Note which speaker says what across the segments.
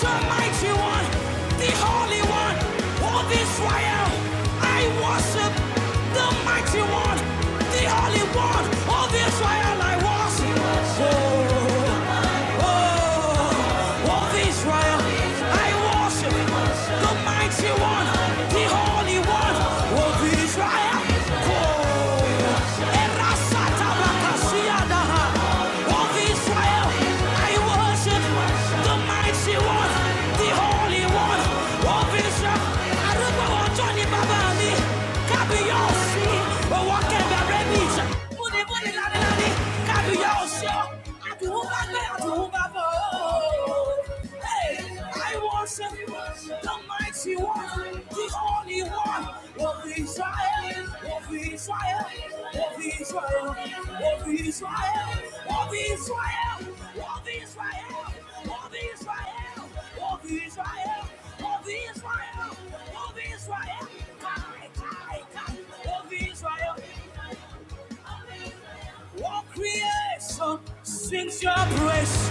Speaker 1: the mighty one, the holy one of Israel. I worship the mighty one, the holy one of Israel. I worship. Oh, oh, of Israel. I worship the mighty one, the holy one of Israel. Oh, Erasataba. Makasiadaha. Of Israel, I worship the mighty one, the holy one. Of Israel, Aruba Otoni Babami, Kabiyasi, Owakebe Rebija. Muni, muni, la, la, la nani Kájú yọ ọ̀ṣọ́, àdùn bá gbé, àdùn bá bọ̀. Hey, I worship the mighty one, the only one of Israel, of Israel, of Israel, of Israel, of Israel, of Israel, of Israel, of Israel, of Israel, of Israel. Israel. Of Israel. All creation sings your praise.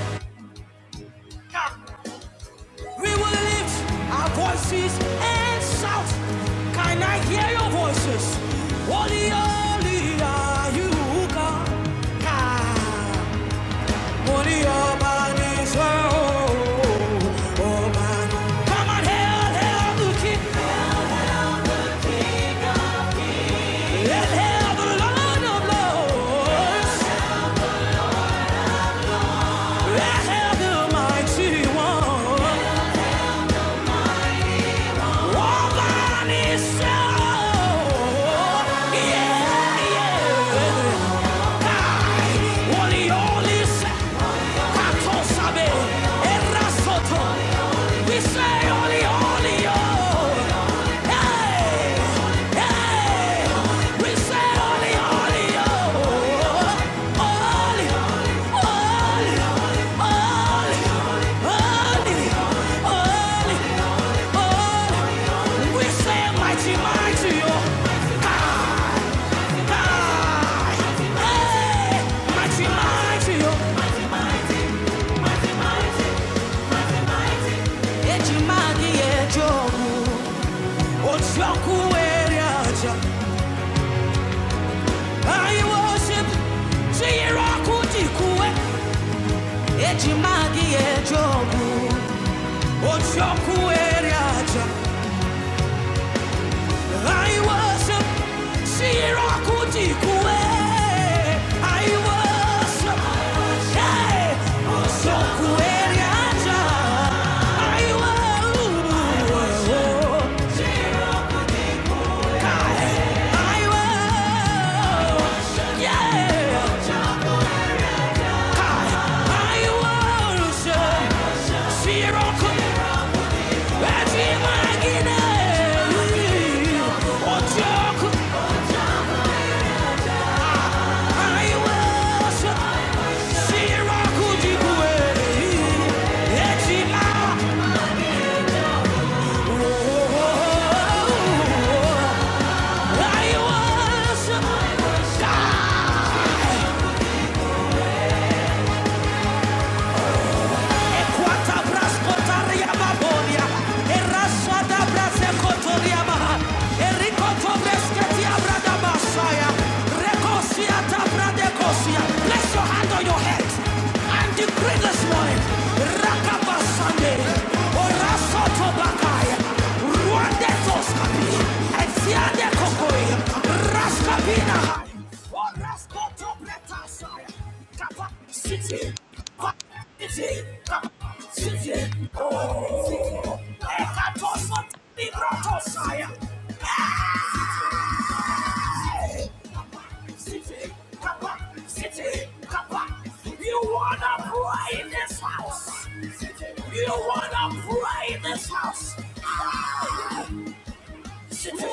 Speaker 1: We will lift our voices and shout. Can I hear your voices? Holy, holy are you, God. Ah, Holy Oba Israel. Oh, man. Come on, hail, hail the King. Let's the Lord of Lords. let the mighty one. All by himself. Yeah, yeah. Oliolis, Katosabe, Erasoto. We say Oliolio. Hey, hey. We say Oliolio. Oli, Oli, Oli, Oli, Oli, Oli. We say mighty, mighty, oh. Ah. Eji magi ejogu, ochoku eri aja. I worship Shirakudikue. I worship Hey, Osokueriaja. I I worship Yeah. I worship Shiraku- Ejimagine. I worship. Shiraku jikuwe. Echila. I worship. Da ekwata braskotaria babonia. Erasada brasekotoria maha. Erikoto bresketia brada masaya. Rekosiata bradekosia. Bless your hand on your head. I'm decree this morning. Rakaba Sunday. or Rasot. City, City, City, Oh, City, City, You wanna pray in this house? You wanna pray in this house? Ah! Increase,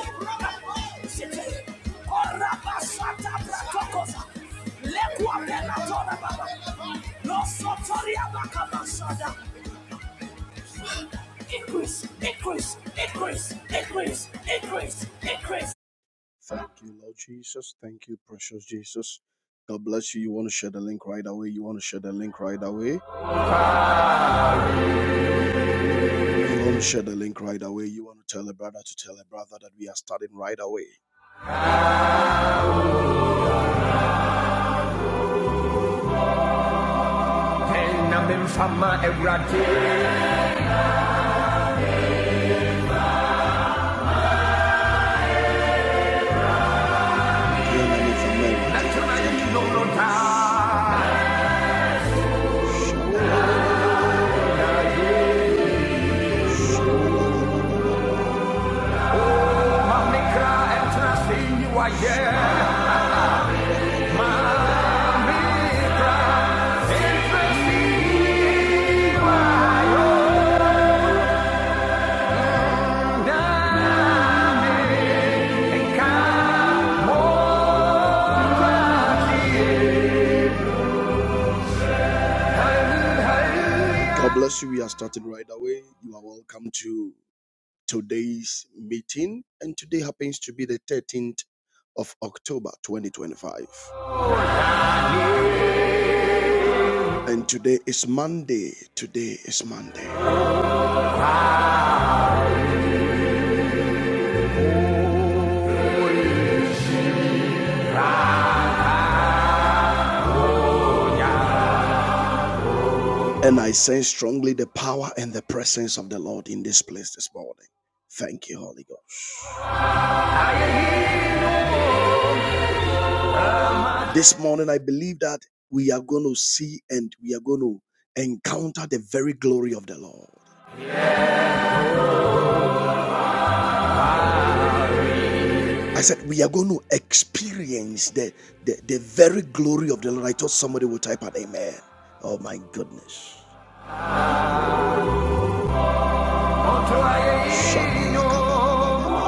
Speaker 1: increase, increase, increase, increase, increase. Thank you, Lord Jesus. Thank you, precious Jesus. God bless you. You want to share the link right away. You want to share the link right away. You want to share the link right away. You want to tell a brother to tell a brother that we are starting right away. God bless you. We are starting right away. You are welcome to today's meeting. And today happens to be the 13th of October 2025. And today is Monday. Today is Monday. And I sense strongly the power and the presence of the Lord in this place this morning. Thank you, Holy Ghost. This morning, I believe that we are going to see and we are going to encounter the very glory of the Lord. I said, we are going to experience the, the, the very glory of the Lord. I thought somebody would type out amen. Oh, my goodness. Shabalakababa.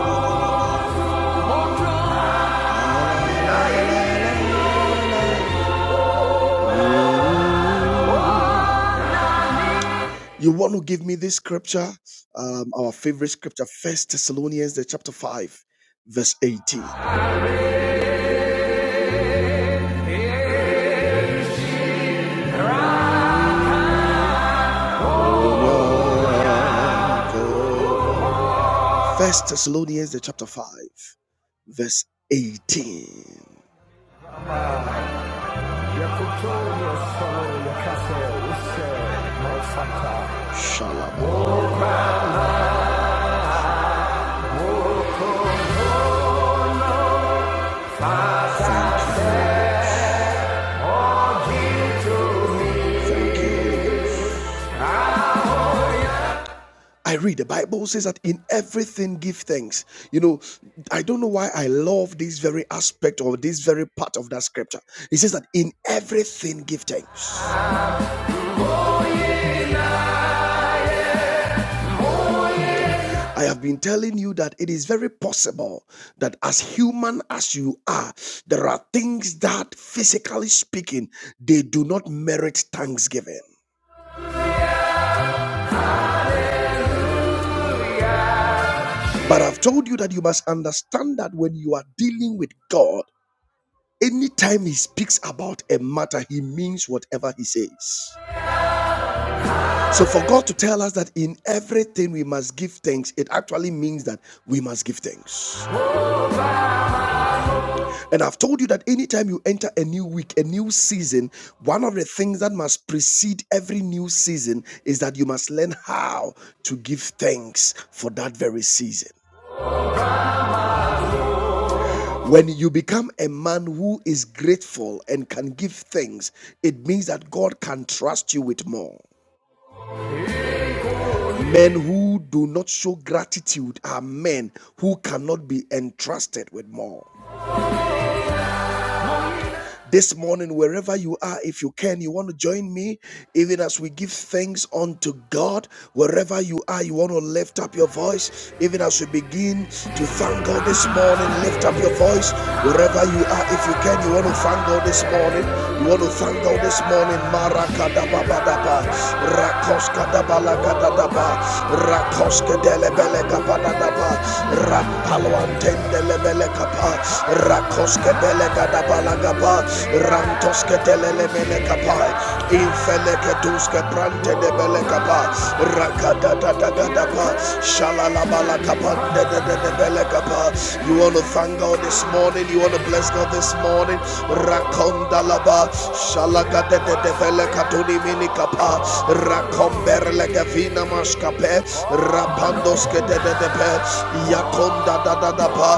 Speaker 1: You want to give me this scripture? Um, our favorite scripture, First Thessalonians, the chapter five, verse eighteen. First Thessalonians, the chapter five, verse eighteen. Shalom. Thank you. I read the Bible says that in everything give thanks. You know, I don't know why I love this very aspect or this very part of that scripture. It says that in everything give thanks. I have been telling you that it is very possible that, as human as you are, there are things that, physically speaking, they do not merit thanksgiving. But I've told you that you must understand that when you are dealing with God, anytime He speaks about a matter, He means whatever He says. So, for God to tell us that in everything we must give thanks, it actually means that we must give thanks. And I've told you that anytime you enter a new week, a new season, one of the things that must precede every new season is that you must learn how to give thanks for that very season. When you become a man who is grateful and can give thanks, it means that God can trust you with more. Men who do not show gratitude are men who cannot be entrusted with more. This morning, wherever you are, if you can, you want to join me, even as we give thanks unto God, wherever you are, you want to lift up your voice, even as we begin to thank God this morning, lift up your voice, wherever you are, if you can, you want to thank God this morning, you want to thank God this morning, Marakadababadaba, Rakoskadabalakadadaba, Rakoskedelebelekabadadaba, Rampaloantendelebelekapa, Rakoskebelegadaba, rantos ke telele mele kapa infele ke dus brante de bele kapa rakata da da da da pa shalala bala kapa de de de bele kapa you want to thank God this morning you want to bless God this morning rakonda laba shalaka de de de bele katuni mini kapa rakomberle ke vina maskape rapandos ke de de pe yakonda da da da pa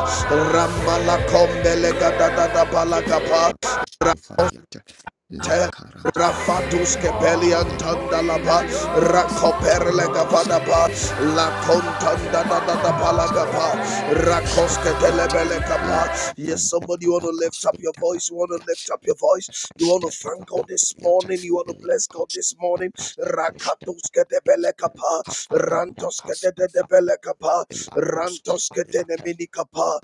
Speaker 1: ramala kombele ga da da da pa la kapa
Speaker 2: Antapakostofaliata
Speaker 1: Te-
Speaker 2: lekara yanta
Speaker 1: Rafatus Kepelian
Speaker 2: shadabramba
Speaker 1: Tandalaba Rakoperle
Speaker 2: rafasatikatus
Speaker 1: Gavanapa
Speaker 2: adiata
Speaker 1: La Contanda da da da Palagapa Rakoske
Speaker 2: koskofaliata
Speaker 1: Telebele Kapa. Yes,
Speaker 2: lempatranda
Speaker 1: somebody want to lift up your
Speaker 2: palakasutala
Speaker 1: voice. You want to lift up your voice. You want to thank God this
Speaker 2: kostetavalaviata
Speaker 1: morning. You want to bless God this morning. Rakatuske Debele Kapa Rantoske de de Debele
Speaker 2: lekostabrasta
Speaker 1: Kapa Rantoske Denemini Kapa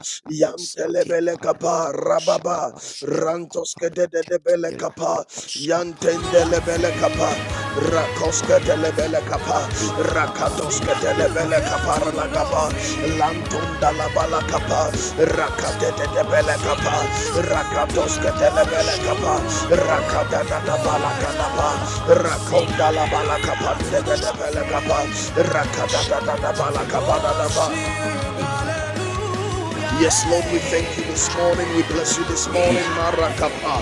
Speaker 2: Stati
Speaker 1: Yantelebele Kapa
Speaker 2: parata
Speaker 1: Rababa,
Speaker 2: koshababa
Speaker 1: Rababa,
Speaker 2: ila
Speaker 1: Rantoske de de
Speaker 2: kofariate
Speaker 1: de bele
Speaker 2: ila
Speaker 1: kapa, Yantende
Speaker 2: koshapariate
Speaker 1: le bele
Speaker 2: ne
Speaker 1: kapa,
Speaker 2: paranta
Speaker 1: Rakoske de le
Speaker 2: papariate
Speaker 1: bele kapa,
Speaker 2: ifela pratia
Speaker 1: Rakatoske de le bele
Speaker 2: ifela
Speaker 1: kapa,
Speaker 2: kasabas
Speaker 1: Ralakapa,
Speaker 2: ifela krante
Speaker 1: Lantunda
Speaker 2: pas
Speaker 1: la bala
Speaker 2: ila
Speaker 1: Rakate de
Speaker 2: kaskete
Speaker 1: de
Speaker 2: pas
Speaker 1: bele kapa,
Speaker 2: ifela ila
Speaker 1: Rakatoske de le bele kapa,
Speaker 2: tapashababa ila
Speaker 1: Rakata da da
Speaker 2: kabiata
Speaker 1: bala
Speaker 2: pas
Speaker 1: kanapa,
Speaker 2: ifela
Speaker 1: Rakonda la bala kapa, de
Speaker 2: Thank
Speaker 1: de bele kapa, Rakata da da bala kapa Yes, Lord, we thank you this morning. We bless you this morning. Marakapa,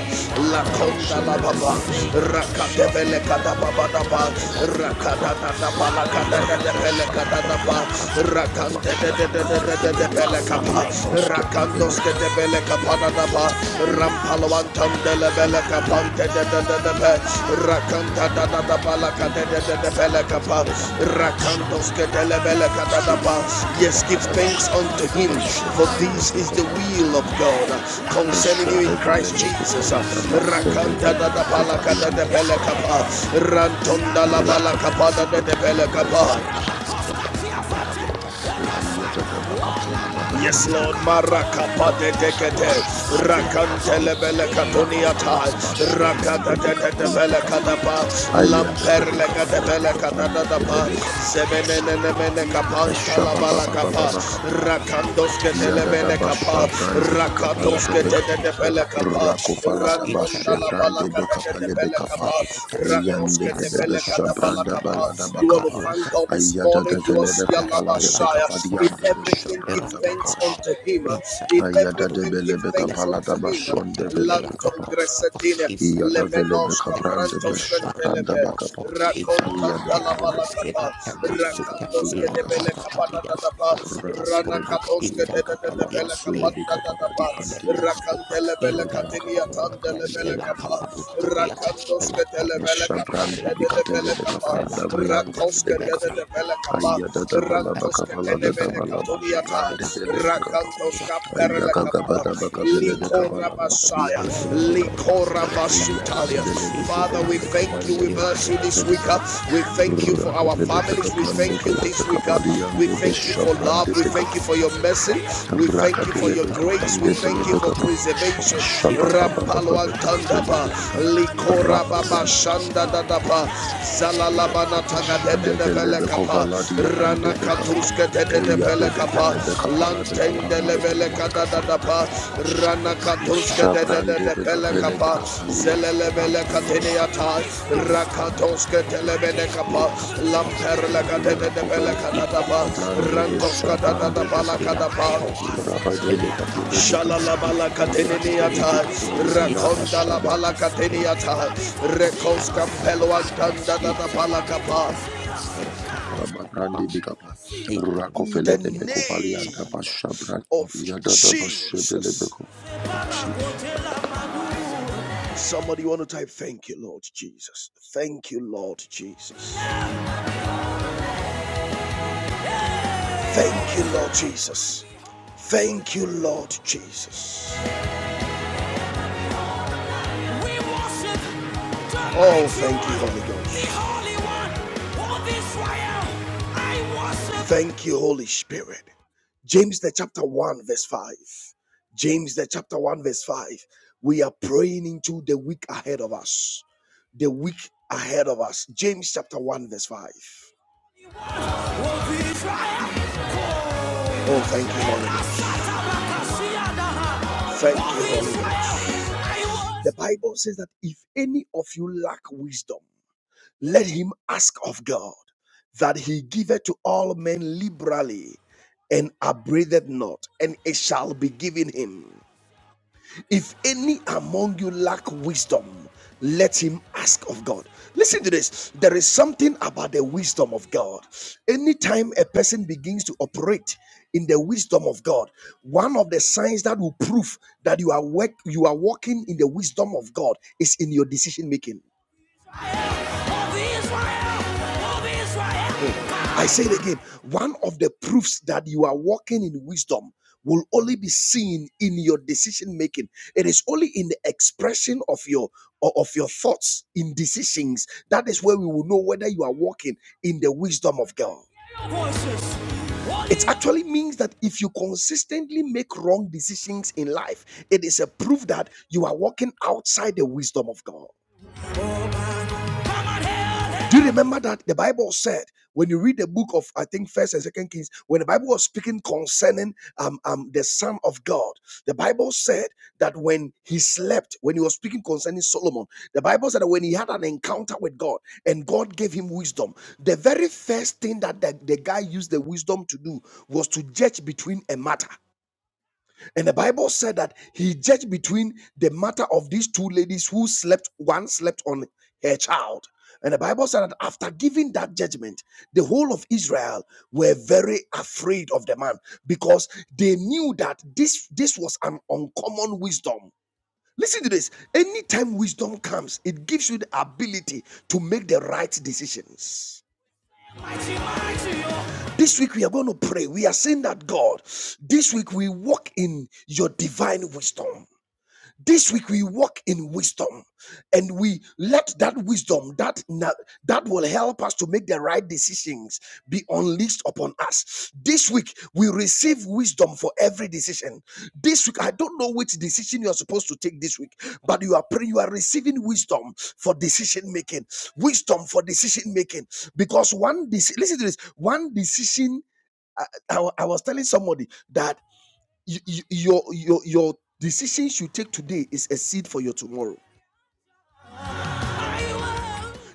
Speaker 3: Rado
Speaker 1: Lakonda Lababa,
Speaker 3: Seledeve Levranda
Speaker 1: Rakadevele
Speaker 3: Shabala de
Speaker 1: Kadababadaba,
Speaker 3: Caparanda Selecavai,
Speaker 1: Rakadadadaba,
Speaker 3: Elada da
Speaker 1: Lakadadadepele
Speaker 3: Shababa
Speaker 1: Kadadaba,
Speaker 3: Braca Palada Basha Brande de
Speaker 1: Rakandededededededepele Kapa,
Speaker 3: Becapalianos Ketevele
Speaker 1: Rakandoske
Speaker 3: Capa,
Speaker 1: Debele Kapadadaba,
Speaker 3: Shada Vale de Caprando Sivi
Speaker 1: Rampalwantandelebele
Speaker 3: Ilianos Keteve Capa,
Speaker 1: rakanta da da da
Speaker 3: Rapande
Speaker 2: you.
Speaker 1: balaka da da
Speaker 3: Epeluas
Speaker 1: da da
Speaker 2: Sakata,
Speaker 1: belaka
Speaker 3: Cofeleke
Speaker 1: pa
Speaker 2: Elata
Speaker 3: Palanelio
Speaker 2: of
Speaker 1: rakantos ke
Speaker 3: Cofaliata,
Speaker 2: Shakalava,
Speaker 1: de lebelaka da da pa
Speaker 2: if I
Speaker 3: Shapa
Speaker 1: yes
Speaker 3: Papa
Speaker 1: give
Speaker 2: Lakas
Speaker 3: Baba
Speaker 1: thanks unto
Speaker 3: Capalada
Speaker 1: him
Speaker 3: Bashe
Speaker 1: for
Speaker 3: Brande
Speaker 1: this is the
Speaker 3: Vecovalata.
Speaker 1: will of God
Speaker 3: Ayada de Bekapa, baba
Speaker 1: concerning you in Christ Jesus rakanta da da balaka da da belaka pa rantonda la balaka pa da da da belaka pa Yes, Lord, Marakapa de Dekete, Rakantelebele Katuniata, Rakata de Devele Kadapa, Lamperle Kadevele Kadadapa,
Speaker 3: baba
Speaker 2: Atusha
Speaker 1: Zemenene
Speaker 2: Thank
Speaker 1: Kapanta Labala Kapa,
Speaker 3: Eshabababababakapa,
Speaker 1: Rakandoske
Speaker 3: Yadada
Speaker 1: Telebene
Speaker 3: basha
Speaker 1: Kapa,
Speaker 3: brande bekapala de
Speaker 1: Rakadoske
Speaker 3: bekapa.
Speaker 1: Tebele Kapa,
Speaker 3: Rakofala da
Speaker 1: Ratonda
Speaker 3: bashe
Speaker 1: Labala
Speaker 3: brande bekapale
Speaker 1: Kadebele
Speaker 3: bekapa.
Speaker 1: Kapa,
Speaker 3: Yande
Speaker 1: Rakoske
Speaker 3: bele
Speaker 1: Tebele
Speaker 3: besha
Speaker 1: Kadabala
Speaker 3: branda
Speaker 1: Kapa.
Speaker 3: balada
Speaker 1: You want to
Speaker 3: bakapa.
Speaker 2: you.
Speaker 1: thank God this this
Speaker 3: Ayada
Speaker 1: morning.
Speaker 3: de
Speaker 1: You are
Speaker 3: vele
Speaker 2: Ilapakada,
Speaker 3: bekopala de
Speaker 1: Sialabashaya. In
Speaker 3: vekavadiande
Speaker 2: alakaskopakadia,
Speaker 3: besha
Speaker 1: everything, give
Speaker 3: branda
Speaker 1: thanks
Speaker 3: bakapa.
Speaker 1: unto
Speaker 2: eradakaskata,
Speaker 1: him. In
Speaker 3: Ayada
Speaker 2: ifedakapadua,
Speaker 3: de
Speaker 1: everything,
Speaker 3: bele
Speaker 1: give thanks
Speaker 3: bekapala da
Speaker 1: unto him.
Speaker 3: bashon
Speaker 2: ilekofakadiata,
Speaker 3: de vele
Speaker 1: Lanton
Speaker 3: bekapa.
Speaker 2: eradakaskapa,
Speaker 1: Gresetina,
Speaker 3: Yada vele
Speaker 1: Lemenoska
Speaker 2: ifedakaluakadapa,
Speaker 3: bekabrande
Speaker 1: Prantos
Speaker 3: besha branda
Speaker 1: Cantelebe,
Speaker 3: bakapa.
Speaker 2: ilefanatekosko,
Speaker 3: Ayada de
Speaker 1: Racontandala
Speaker 3: bele
Speaker 2: iferantekoa,
Speaker 3: bekapa.
Speaker 1: Balacapa,
Speaker 3: Bele
Speaker 2: iradakasute,
Speaker 3: bekapa.
Speaker 1: Racandos Kedebele
Speaker 3: Yanda.
Speaker 1: Capata
Speaker 2: ilefanakadia,
Speaker 1: Dadapa,
Speaker 3: Rra
Speaker 2: rafakaskopa,
Speaker 3: pellebeka
Speaker 1: Ranakatos
Speaker 3: pellebeka pala
Speaker 2: ifenakadia,
Speaker 1: Kedebele
Speaker 3: basuli
Speaker 1: Capata
Speaker 3: beka
Speaker 2: ilekopa,
Speaker 3: pala
Speaker 1: Dadapa,
Speaker 3: dianteleka pa
Speaker 2: ilekoskopa,
Speaker 1: Racandelebele
Speaker 3: rra
Speaker 1: Catinia
Speaker 3: kavalaba
Speaker 2: ifenakaluakade,
Speaker 3: kavelle
Speaker 1: Tandelebele
Speaker 3: beka pala
Speaker 1: Capa,
Speaker 2: ilakafaluakadiata,
Speaker 1: Racandos
Speaker 3: me
Speaker 2: ilakofalekoskopa,
Speaker 1: Belekapa,
Speaker 3: shabrandi beka
Speaker 1: Dede
Speaker 2: Alekofa,
Speaker 3: telebeka
Speaker 1: Belekapa,
Speaker 3: pa davayande
Speaker 2: Ifelakapalua,
Speaker 1: Rakoska de
Speaker 3: belebeka pa
Speaker 1: de
Speaker 2: the
Speaker 1: Belacapa,
Speaker 3: aia
Speaker 2: Askapa,
Speaker 3: da
Speaker 2: the
Speaker 3: davala beka
Speaker 1: Rantoska
Speaker 3: pala da
Speaker 1: Tenemene
Speaker 3: dabalabu
Speaker 2: Ifeliwakaya, the
Speaker 3: shabrandi belebeka
Speaker 2: Ilakapa,
Speaker 3: pa
Speaker 1: Rakantoska
Speaker 3: aia
Speaker 2: the
Speaker 1: Perelekapa,
Speaker 3: kavada beka pellebeka
Speaker 1: Likora
Speaker 3: pala kavadi
Speaker 2: Ilakapaluata,
Speaker 3: aia
Speaker 1: Basaya,
Speaker 2: the
Speaker 3: kavelle beka pa
Speaker 1: Likora
Speaker 3: aia de
Speaker 1: Basutalia.
Speaker 2: Ilakekosa,
Speaker 3: telebele
Speaker 1: Father,
Speaker 3: bejele
Speaker 1: we
Speaker 3: beka
Speaker 1: thank you,
Speaker 3: pani
Speaker 1: we
Speaker 2: the
Speaker 3: bele
Speaker 1: bless you
Speaker 3: beka
Speaker 1: this
Speaker 3: peli
Speaker 1: week.
Speaker 3: aia
Speaker 1: uh. We thank
Speaker 2: Ilatepakasutelevavia.
Speaker 1: you
Speaker 3: rra
Speaker 1: for
Speaker 2: Thank
Speaker 1: our
Speaker 2: you,
Speaker 3: kavelle
Speaker 2: Lord
Speaker 3: beka
Speaker 1: families, we
Speaker 2: Jesus.
Speaker 3: pani
Speaker 1: thank you
Speaker 3: bele
Speaker 1: this
Speaker 3: beka
Speaker 1: week.
Speaker 2: Ilakara
Speaker 1: uh.
Speaker 2: from the
Speaker 1: We
Speaker 3: paliande me
Speaker 2: past,
Speaker 1: thank you for
Speaker 3: shabrandi
Speaker 1: love, we
Speaker 2: Iferaska,
Speaker 3: beka
Speaker 1: thank
Speaker 3: pa.
Speaker 1: you for your mercy,
Speaker 2: Fanuaka,
Speaker 1: we thank you for
Speaker 3: Rakapele
Speaker 1: your
Speaker 3: bekapa,
Speaker 1: grace, we
Speaker 2: Evelakafas,
Speaker 3: lebele
Speaker 1: thank you for
Speaker 3: bekapa,
Speaker 1: preservation.
Speaker 2: Iratakoshkovas,
Speaker 3: ashaba baba baba
Speaker 2: Ekatakakavatas,
Speaker 3: bekapele
Speaker 1: Rampalwantandapa,
Speaker 2: Father, we
Speaker 3: bekapa,
Speaker 2: bless you
Speaker 1: Likora
Speaker 2: this
Speaker 1: Baba
Speaker 3: rapapala,
Speaker 2: morning,
Speaker 1: Shanda
Speaker 2: we thank
Speaker 1: Dadapa,
Speaker 2: you, Jesus.
Speaker 1: Zalalabana Tagade
Speaker 2: Lekofalaka,
Speaker 1: de
Speaker 3: shadevele
Speaker 1: Velekapa,
Speaker 3: bekovala
Speaker 2: Elefakatu,
Speaker 3: diande
Speaker 1: Rana
Speaker 3: bekapa,
Speaker 2: Faramteposkova,
Speaker 1: Katuska de
Speaker 3: eyade
Speaker 1: Velekapa,
Speaker 3: devele
Speaker 2: Lakazatakoskata,
Speaker 3: bekapala bekapa,
Speaker 1: Lantende
Speaker 3: lebele
Speaker 1: Leveleka
Speaker 2: Elakafaluatas,
Speaker 3: bekapa,
Speaker 1: Dadapa, Rana Katuska
Speaker 2: Iratekoshades,
Speaker 1: de
Speaker 3: shabrande bekapele
Speaker 1: Velekapa,
Speaker 2: Leposkova,
Speaker 3: Rakapelebekapandebelebekapa. Ashabababababababekapelebekapa. Rapapalaba.
Speaker 2: Rata
Speaker 1: Zeleleveleka
Speaker 3: Shadevelebeko-valadiandebekapa.
Speaker 2: Koshava,
Speaker 1: Teneata,
Speaker 2: Lafranta
Speaker 1: Rakatoska
Speaker 2: Fakatulata,
Speaker 1: Televelekapa,
Speaker 2: Lekafalia, Arla
Speaker 1: Lamperleka de
Speaker 2: Koskova,
Speaker 1: Velekadapa,
Speaker 2: Ifelakapa,
Speaker 3: Eyadedevelebekalabekapandebelebekapa.
Speaker 2: La
Speaker 1: Rantoska
Speaker 3: Shabrandebekapelebekapaliyaya. Rakapeliandesa.
Speaker 2: Kuparanta,
Speaker 1: Dadapa
Speaker 2: Irata
Speaker 1: Lakadapa,
Speaker 2: Koskova, La
Speaker 3: bekapali anda
Speaker 2: Karanta,
Speaker 1: Shalalabala
Speaker 2: Ifelia, La
Speaker 1: Kateniniata,
Speaker 2: Fadua,
Speaker 1: Rakonda la
Speaker 3: Radivilibekapaliandabashabababababa.
Speaker 1: Bala
Speaker 2: Isetafakam, La
Speaker 1: Kateniata,
Speaker 2: Koskova,
Speaker 1: Rekos
Speaker 2: Arata
Speaker 1: Campello
Speaker 2: Koksava,
Speaker 1: Antanda da da
Speaker 2: Ifelakatua, Irata
Speaker 3: Baba
Speaker 2: Koskava,
Speaker 3: Brandi Bigapa,
Speaker 1: In
Speaker 3: Rakofele
Speaker 1: the
Speaker 3: de
Speaker 2: Ifelakavalia,
Speaker 3: Becovali and
Speaker 2: Shaka,
Speaker 1: name
Speaker 3: Abashabran,
Speaker 2: of
Speaker 1: of
Speaker 2: Jesus,
Speaker 3: Yadada
Speaker 1: Jesus.
Speaker 3: Bashabelebeko. Oh, jeez.
Speaker 1: Somebody want to type, Thank you, Lord Jesus. Thank you, Lord Jesus. Thank you, Lord Jesus. Thank you, Lord Jesus. Oh, thank you, Holy Ghost. Thank you, Holy Spirit. James, the chapter 1, verse 5. James, the chapter 1, verse 5. We are praying into the week ahead of us. The week ahead of us. James, chapter 1, verse 5. Oh, thank you, Holy Ghost. Thank you, Holy Ghost. The Bible says that if any of you lack wisdom, let him ask of God that he giveth to all men liberally and upbraideth not, and it shall be given him. If any among you lack wisdom, let him ask of God. Listen to this. There is something about the wisdom of God. Anytime a person begins to operate in the wisdom of God, one of the signs that will prove that you are work, you are walking in the wisdom of God is in your decision making. I say it again. One of the proofs that you are walking in wisdom will only be seen in your decision making. It is only in the expression of your of your thoughts in decisions. That is where we will know whether you are walking in the wisdom of God. It actually means that if you consistently make wrong decisions in life, it is a proof that you are walking outside the wisdom of God. Do you remember that the Bible said when you read the book of I think First and Second Kings, when the Bible was speaking concerning um, um the Son of God, the Bible said that when he slept, when he was speaking concerning Solomon, the Bible said that when he had an encounter with God and God gave him wisdom, the very first thing that the, the guy used the wisdom to do was to judge between a matter. And the Bible said that he judged between the matter of these two ladies who slept, one slept on her child. And the Bible said that after giving that judgment, the whole of Israel were very afraid of the man because they knew that this, this was an uncommon wisdom. Listen to this. Anytime wisdom comes, it gives you the ability to make the right decisions. This week we are going to pray. We are saying that God, this week we walk in your divine wisdom this week we walk in wisdom and we let that wisdom that that will help us to make the right decisions be unleashed upon us this week we receive wisdom for every decision this week i don't know which decision you are supposed to take this week but you are praying you are receiving wisdom for decision making wisdom for decision making because one decision, listen to this one decision I, I was telling somebody that y- y- your your your decisions you take today is a seed for your tomorrow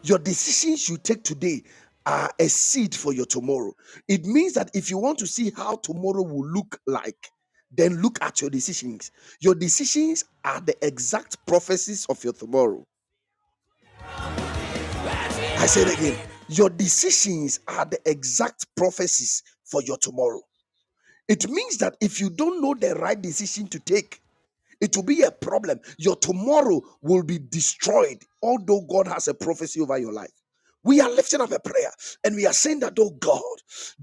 Speaker 1: your decisions you take today are a seed for your tomorrow it means that if you want to see how tomorrow will look like then look at your decisions your decisions are the exact prophecies of your tomorrow i say it again your decisions are the exact prophecies for your tomorrow it means that if you don't know the right decision to take It will be a problem. Your tomorrow will be destroyed, although God has a prophecy over your life. We are lifting up a prayer and we are saying that, oh God,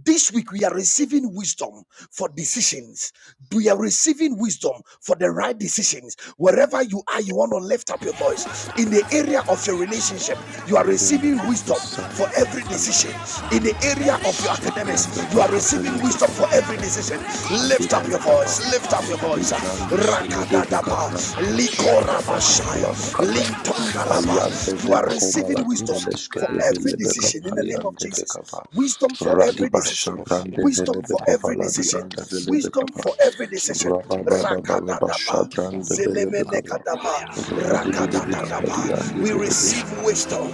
Speaker 1: this week we are receiving wisdom for decisions. We are receiving wisdom for the right decisions. Wherever you are, you want to lift up your voice. In the area of your relationship, you are receiving
Speaker 3: Eveleko
Speaker 1: wisdom
Speaker 3: is
Speaker 1: for
Speaker 3: silent
Speaker 1: every decision.
Speaker 3: Falata,
Speaker 1: In the area of your academics,
Speaker 3: Shabranda
Speaker 1: you are receiving
Speaker 3: Bacapele
Speaker 1: wisdom for
Speaker 2: Contemporary.
Speaker 1: every
Speaker 3: Becapanda
Speaker 1: decision.
Speaker 3: Lobo Shadi
Speaker 1: Lift up your voice.
Speaker 3: Valadaba.
Speaker 1: Lift up your voice.
Speaker 2: Let's
Speaker 3: Ivrando sele deve
Speaker 1: Rakadadaba,
Speaker 3: kapranda
Speaker 2: the
Speaker 3: bashada bakapala
Speaker 1: likorabashaya,
Speaker 3: bakapa. Ayande
Speaker 1: Lintondalaba. You
Speaker 3: vele
Speaker 1: are
Speaker 3: komala
Speaker 1: receiving wisdom
Speaker 3: divele
Speaker 1: for
Speaker 3: skede
Speaker 1: every
Speaker 3: vele beka
Speaker 1: decision in the name of
Speaker 3: paliande
Speaker 1: Jesus.
Speaker 3: vekava.
Speaker 1: Wisdom for
Speaker 3: Radi
Speaker 1: every decision.
Speaker 3: basha brande
Speaker 1: Wisdom
Speaker 3: vele
Speaker 1: for every
Speaker 3: bekovala di
Speaker 1: decision.
Speaker 3: ande vele
Speaker 1: Wisdom
Speaker 3: bekapa.
Speaker 1: for every decision.
Speaker 3: Rababa baba baba
Speaker 1: Rakadadaba.
Speaker 3: shabrande vele bekapa.
Speaker 1: Zelemenekadaba.
Speaker 3: Radi bili bekapa di
Speaker 1: Rakadadadaba.
Speaker 3: ande
Speaker 1: We
Speaker 3: vele
Speaker 1: receive
Speaker 3: besha.
Speaker 1: wisdom.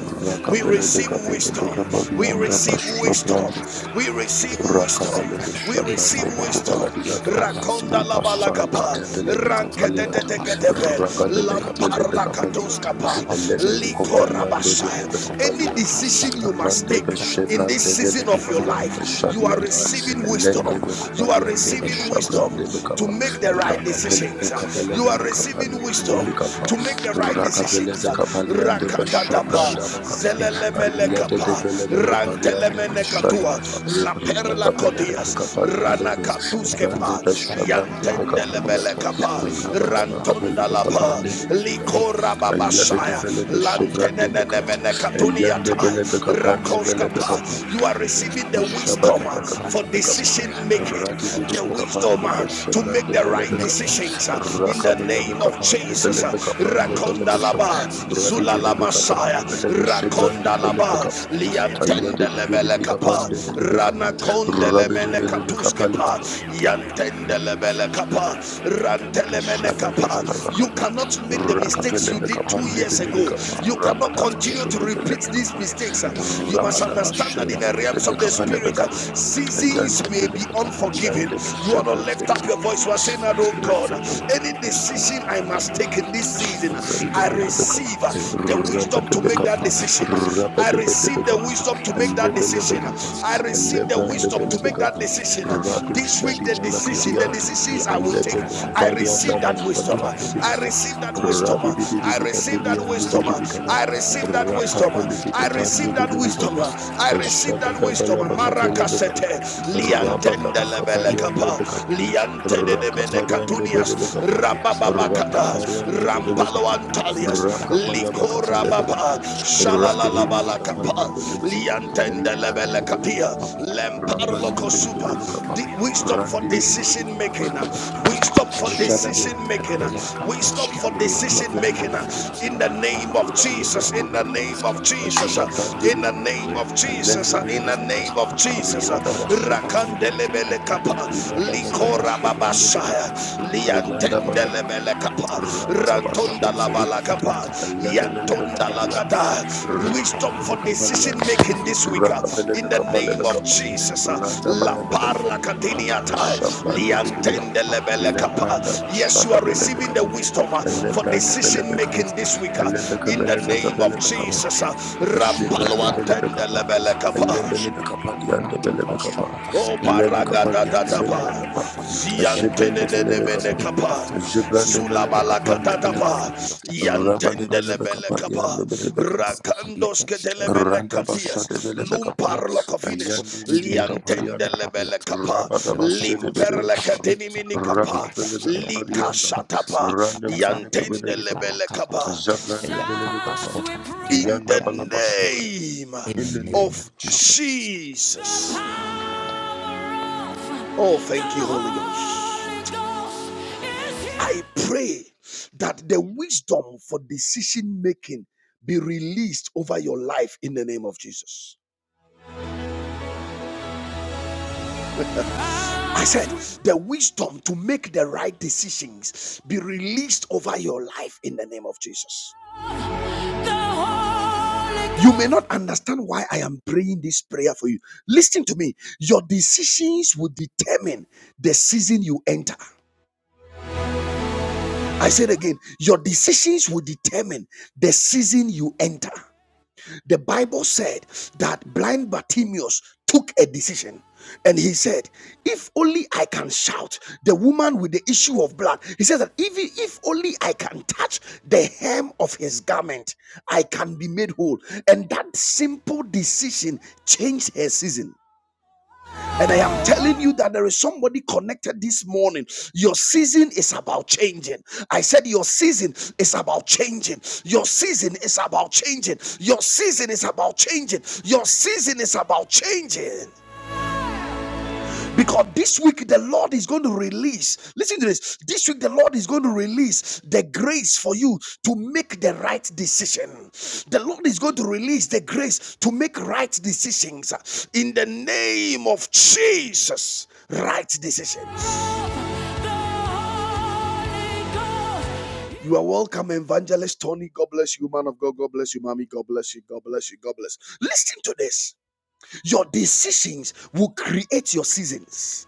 Speaker 1: We
Speaker 3: Rakapele
Speaker 1: receive
Speaker 3: bekapele bekapa
Speaker 1: wisdom.
Speaker 3: di
Speaker 1: We
Speaker 3: anda
Speaker 1: receive
Speaker 3: basha
Speaker 1: wisdom.
Speaker 3: Brande
Speaker 2: you.
Speaker 1: We receive
Speaker 2: Thank
Speaker 1: wisdom.
Speaker 3: Rakapalebe
Speaker 1: We receive
Speaker 3: Shabrande
Speaker 1: wisdom.
Speaker 3: Bekovaladiata,
Speaker 1: Rakonda
Speaker 3: Libasai
Speaker 1: labalagaba.
Speaker 3: Katevele Bekapaliata,
Speaker 1: Rankededededebe.
Speaker 3: Ragade Bekapele Bekapaliata,
Speaker 1: Lamparlakatoskapa.
Speaker 3: Elede Bekovaliande
Speaker 1: Likorabashaya.
Speaker 3: Vele
Speaker 1: Any
Speaker 3: Bekovaliata,
Speaker 1: decision you must
Speaker 3: Rande
Speaker 1: take in this
Speaker 3: Beshebrande Vele
Speaker 1: season of your
Speaker 3: Kovaliande
Speaker 1: life, you are
Speaker 3: Shadiata,
Speaker 1: receiving wisdom.
Speaker 3: Elende
Speaker 1: You are
Speaker 3: Bekovaliande
Speaker 1: receiving wisdom
Speaker 3: Beshabrande
Speaker 1: to
Speaker 3: Bekapa,
Speaker 1: make the right
Speaker 3: Rakapele
Speaker 1: decisions.
Speaker 3: Ekapele
Speaker 1: You are
Speaker 2: you.
Speaker 1: receiving
Speaker 3: Bekapande
Speaker 2: This
Speaker 1: wisdom
Speaker 2: is
Speaker 3: Belibikapa,
Speaker 1: to make the right
Speaker 3: Rakapele
Speaker 1: decisions.
Speaker 3: Bekapaliande
Speaker 1: Rakatadapa,
Speaker 3: Beshabranda Bakapa, Ayade
Speaker 1: zelelemelekapa,
Speaker 3: Devele Bekopaliande
Speaker 1: rantelemenekatua,
Speaker 3: Beshadiata, Rakapele de
Speaker 1: laperlakodias,
Speaker 3: Becapalia
Speaker 1: Rana
Speaker 3: deve, Vrande
Speaker 1: Katuskepa,
Speaker 3: Pesha Brande
Speaker 1: Yantendelebele
Speaker 3: Becapaliata,
Speaker 1: Kapa,
Speaker 3: Rabada Bacapele
Speaker 1: Rantonda
Speaker 3: Becapande Bele Becapa, Ayade de Bele Beshe Brande Becapa, Ayande Bele Becapande Bele Becapa.
Speaker 1: Rakoskapa. You are receiving the wisdom
Speaker 3: Shabada
Speaker 1: uh, for
Speaker 3: bakapele bekapa,
Speaker 2: the
Speaker 1: decision making,
Speaker 2: right
Speaker 3: rati vile
Speaker 1: the wisdom
Speaker 3: bekapande be
Speaker 1: uh, to make the
Speaker 3: bele
Speaker 1: right
Speaker 3: bekapa,
Speaker 1: decisions uh, in the
Speaker 3: rakabele
Speaker 1: name of
Speaker 3: bekapande
Speaker 2: of
Speaker 1: Jesus.
Speaker 3: bele
Speaker 1: uh,
Speaker 3: bekapande
Speaker 2: Thank
Speaker 3: bele
Speaker 1: Rakonda
Speaker 3: besha,
Speaker 1: Laba,
Speaker 3: rati vile
Speaker 1: Zulala Messiah,
Speaker 3: bekapande bele be
Speaker 1: Rakonda
Speaker 3: bele bekapa,
Speaker 1: Laba,
Speaker 3: ayade de
Speaker 1: Yantendelebele kapa.
Speaker 3: bekapande bele
Speaker 1: Rana
Speaker 3: bekapa, rabele
Speaker 1: kondelemene
Speaker 3: bele bekapa la
Speaker 1: katuskepa.
Speaker 3: bakapa,
Speaker 1: Yantendelebele
Speaker 2: you.
Speaker 1: kapa. Rantelemene
Speaker 3: Shada da
Speaker 2: It's
Speaker 1: kapa.
Speaker 3: bala
Speaker 2: cost of
Speaker 1: You
Speaker 2: the
Speaker 3: bakapa,
Speaker 2: water.
Speaker 1: cannot make
Speaker 2: Let
Speaker 1: the
Speaker 2: put the
Speaker 1: mistakes
Speaker 3: rakapele
Speaker 1: you
Speaker 2: bus
Speaker 1: did
Speaker 2: up
Speaker 3: bekapa,
Speaker 1: two
Speaker 2: the
Speaker 1: years
Speaker 2: water
Speaker 3: ndebele
Speaker 1: ago.
Speaker 2: bus as
Speaker 3: bekapa,
Speaker 2: the
Speaker 1: You
Speaker 2: leader
Speaker 1: cannot
Speaker 3: rabada
Speaker 2: cuts the
Speaker 1: continue
Speaker 3: bashe
Speaker 1: to
Speaker 2: water.
Speaker 3: debele
Speaker 1: repeat these
Speaker 2: Let
Speaker 3: bekapa,
Speaker 2: us
Speaker 1: mistakes.
Speaker 2: fill up the
Speaker 1: You must
Speaker 2: first
Speaker 3: rabada
Speaker 2: book.
Speaker 1: understand
Speaker 3: bashe
Speaker 2: We
Speaker 1: that in
Speaker 2: let
Speaker 1: the
Speaker 2: the
Speaker 3: debele
Speaker 1: realms of the
Speaker 2: push
Speaker 3: bekapa le
Speaker 1: spirit, uh,
Speaker 3: Shadadabalabakapa, Rakapelebekapandebelebekapa, Rabadabashedebelebekapa, Rabadabashedebelebekapalebekapa,
Speaker 2: like
Speaker 1: seasons may be
Speaker 3: Yandebelebekapa,
Speaker 1: unforgiving. You want to lift up your voice.
Speaker 3: Yandebeshebrandebelebe,
Speaker 1: You are saying that, oh God,
Speaker 2: it's a bus,
Speaker 1: any decision
Speaker 3: Rendebelebekapandebelebe,
Speaker 1: I must take in this season, I receive
Speaker 3: Shabrandabalabakapa,
Speaker 1: the wisdom to make
Speaker 3: rabadabakapa,
Speaker 1: that decision. I receive the
Speaker 3: rabadabalabakapa,
Speaker 1: wisdom to make that decision.
Speaker 3: elebalabakapa,
Speaker 1: I receive the wisdom to make that
Speaker 3: elebrandabalabakapa,
Speaker 1: decision.
Speaker 2: to make
Speaker 3: radu
Speaker 2: that
Speaker 1: This week, the
Speaker 2: decisions. Yeah,
Speaker 1: decision, the
Speaker 2: but
Speaker 3: shadivalakadiante,
Speaker 2: yeah,
Speaker 1: decisions I will
Speaker 2: that's
Speaker 1: take,
Speaker 2: I want
Speaker 1: I
Speaker 2: to post
Speaker 1: receive
Speaker 2: it.
Speaker 3: eledebekovaliandaba
Speaker 1: that wisdom.
Speaker 2: If the last
Speaker 1: I
Speaker 3: shabrandabakapa,
Speaker 2: step
Speaker 1: receive that wisdom.
Speaker 2: past I
Speaker 1: I
Speaker 2: want to
Speaker 1: receive
Speaker 2: post
Speaker 1: that
Speaker 2: that
Speaker 1: wisdom.
Speaker 2: seek
Speaker 3: rabidibidibikapiliandibidibikapa,
Speaker 2: look
Speaker 1: I
Speaker 2: at that
Speaker 1: receive that
Speaker 2: after
Speaker 1: wisdom.
Speaker 2: the past
Speaker 1: I
Speaker 2: each
Speaker 1: receive
Speaker 2: area
Speaker 1: that
Speaker 2: that
Speaker 1: wisdom.
Speaker 3: rakapelibikapandibilibikapa,
Speaker 2: has
Speaker 1: I
Speaker 2: to be left.
Speaker 1: receive that wisdom.
Speaker 2: If the lack of
Speaker 3: eshadadabalabakapelebakapa,
Speaker 1: Marakasete,
Speaker 2: this, there is
Speaker 1: liantende
Speaker 2: no past.
Speaker 1: lebele
Speaker 2: If the lack
Speaker 1: kapa,
Speaker 2: of
Speaker 3: rabadabakapaliandebakapa,
Speaker 1: liantende de
Speaker 2: Thank
Speaker 1: mene katunias,
Speaker 3: rakapariandebelebakapa,
Speaker 1: rabab. Rabababakada,
Speaker 3: Rakaparian de
Speaker 1: Rampalo
Speaker 3: Belebekapa,
Speaker 1: Antalias, Likora
Speaker 3: Rakapalabakapelebekapa,
Speaker 1: Baba,
Speaker 3: Radebilibikapa de
Speaker 1: Shalalalabalakapa,
Speaker 3: Belebesha, Elebran de
Speaker 1: Liantendelebelekatia,
Speaker 3: Belebekapa,
Speaker 1: Lemparlo
Speaker 3: Rapan de
Speaker 1: Kosupa,
Speaker 3: Belebekapa,
Speaker 1: the wisdom for
Speaker 3: Randi
Speaker 1: decision
Speaker 3: Bilibikapa,
Speaker 1: making,
Speaker 2: you.
Speaker 1: uh, wisdom for decision making, uh,
Speaker 3: Shadabelebekapa,
Speaker 1: wisdom for decision making, uh,
Speaker 3: Rakapendebelebekapa.
Speaker 1: in the name of Jesus, in the
Speaker 3: Randebelebekapa.
Speaker 1: name of Jesus, uh, in the
Speaker 3: Eshabrandebelebekapa.
Speaker 1: name of Jesus, uh, in the
Speaker 3: Elendebelebekapa.
Speaker 1: name of Jesus, uh,
Speaker 3: Radabashebrandebelebekapa.
Speaker 1: Rakandelebelekapa, likora babasha
Speaker 3: Inadadadabashebrandebekapa.
Speaker 1: liantende
Speaker 2: Thank
Speaker 3: Ayandabalabakapa.
Speaker 1: lebele kapa rantonda la bala
Speaker 3: Rabadabashebelebekapa.
Speaker 1: kapa yantonda
Speaker 3: Ayandebelebekapa
Speaker 1: la
Speaker 3: yande.
Speaker 1: gada wisdom for
Speaker 3: Radebelebekapa
Speaker 1: decision
Speaker 3: yande.
Speaker 1: making
Speaker 2: Thank
Speaker 1: this week uh, in the
Speaker 3: Rakapelebekapa
Speaker 1: name of
Speaker 3: lebekapa.
Speaker 1: Jesus uh, la parla
Speaker 3: Randabayadebelebekapa.
Speaker 1: katiniata liantende
Speaker 3: Eshabrandebelebekapa.
Speaker 1: lebele kapa yes you are receiving the
Speaker 3: Lebrandabashadabelebekapa.
Speaker 1: wisdom uh, for
Speaker 3: Elebrande
Speaker 1: decision making
Speaker 3: belebekapa.
Speaker 1: this week uh,
Speaker 3: Elebeke
Speaker 1: in the
Speaker 3: belebeke
Speaker 1: name of
Speaker 3: belebekapa.
Speaker 1: Jesus uh, rampalo
Speaker 3: Eshebrande
Speaker 1: antende
Speaker 3: belebekapa.
Speaker 1: lebele
Speaker 2: you.
Speaker 1: kapa
Speaker 3: Elebelebekapa
Speaker 2: In the
Speaker 3: liande belebekapa.
Speaker 1: O
Speaker 3: Elebekapa
Speaker 1: paragada
Speaker 3: liande
Speaker 1: tatapa,
Speaker 3: belebekapa. Eshebrande
Speaker 1: ziantenene mene
Speaker 3: belebekapa.
Speaker 1: kapa,
Speaker 3: Eshebrande
Speaker 1: zulabala
Speaker 3: belebekapa liande belebekapa.
Speaker 1: katatapa,
Speaker 3: Rabande
Speaker 1: yantendelebele
Speaker 3: belebekapa
Speaker 1: kapa,
Speaker 3: liande belebekapa.
Speaker 1: rakandos ketelemene
Speaker 3: Randa bashade
Speaker 1: katias,
Speaker 3: vele bekapa.
Speaker 1: lumparlo kofines,
Speaker 3: Ayande vidi bekapa lianda.
Speaker 1: liantendelebele kapa,
Speaker 3: Rabada bashade vele
Speaker 1: limperle
Speaker 3: bekapa.
Speaker 1: katenimini
Speaker 3: Raka
Speaker 1: kapa,
Speaker 3: vele bekapa lianda.
Speaker 1: likashatapa,
Speaker 3: Randa vele beka vele bekapa.
Speaker 1: yantendelebele kapa,
Speaker 3: Zabrande vele bekapa.
Speaker 1: in
Speaker 3: Yanda
Speaker 1: the
Speaker 3: bala bashe brande.
Speaker 1: name
Speaker 3: In the
Speaker 2: name
Speaker 3: name
Speaker 2: of
Speaker 1: of
Speaker 3: of Jesus.
Speaker 2: Jesus.
Speaker 1: Jesus. Oh, thank you, Holy Ghost. I pray that the wisdom for decision making be released over your life in the name of Jesus. I said, the wisdom to make the right decisions be released over your life in the name of Jesus. You may not understand why I am praying this prayer for you. Listen to me. Your decisions will determine the season you enter. I said again, your decisions will determine the season you enter. The Bible said that blind Bartimaeus took a decision and he said, If only I can shout, the woman with the issue of blood, he says that if, if only I can touch the hem of his garment, I can be made whole. And that simple decision changed her season. And I am telling you that there is somebody connected this morning. Your season is about changing. I said, Your season is about changing. Your season is about changing. Your season is about changing. Your season is about changing. Because this week the Lord is going to release. Listen to this. This week the Lord is going to release the grace for you to make the right decision. The Lord is going to release the grace to make right decisions in the name of Jesus. Right decisions. You are welcome, Evangelist Tony. God bless you, man of God. God bless you, mommy. God bless you. God bless you. God bless. Listen to this. Your decisions will create your seasons.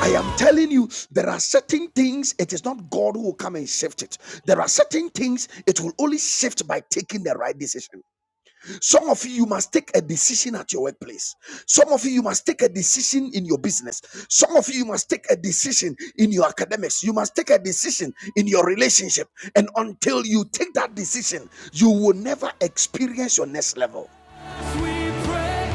Speaker 1: I am telling you, there are certain things it is not God who will come and shift it. There are certain things it will only shift by taking the right decision. Some of you, you must take a decision at your workplace. Some of you, you must take a decision in your business. Some of you, you must take a decision in your academics. You must take a decision in your relationship. And until you take that decision, you will never experience your next level. We pray.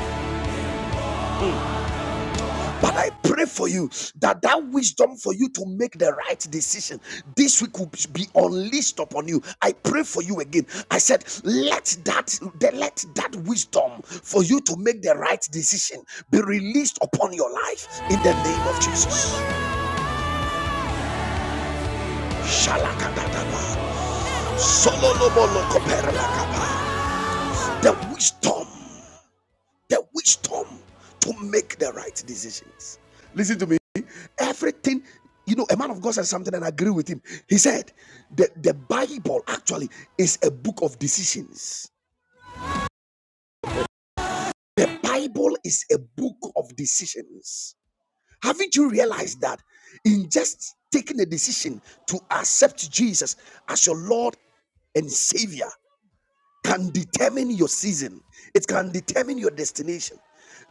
Speaker 1: But I pray for you that that wisdom for you to make the right decision this week will be unleashed upon you. I pray for you again. I said, let that let that wisdom for you to make the right decision be released upon your life in the name of Jesus. Shalakadadaba, sololobolokopere lakaba. The wisdom the wisdom to make the right decisions. Listen to me. Everything, you know, a man of God said something and I agree with him. He said, the, the Bible actually is a book of decisions. The Bible is a book of decisions. Haven't you realized that in just taking a decision to accept Jesus as your Lord and Savior, can determine your season, it can determine your destination.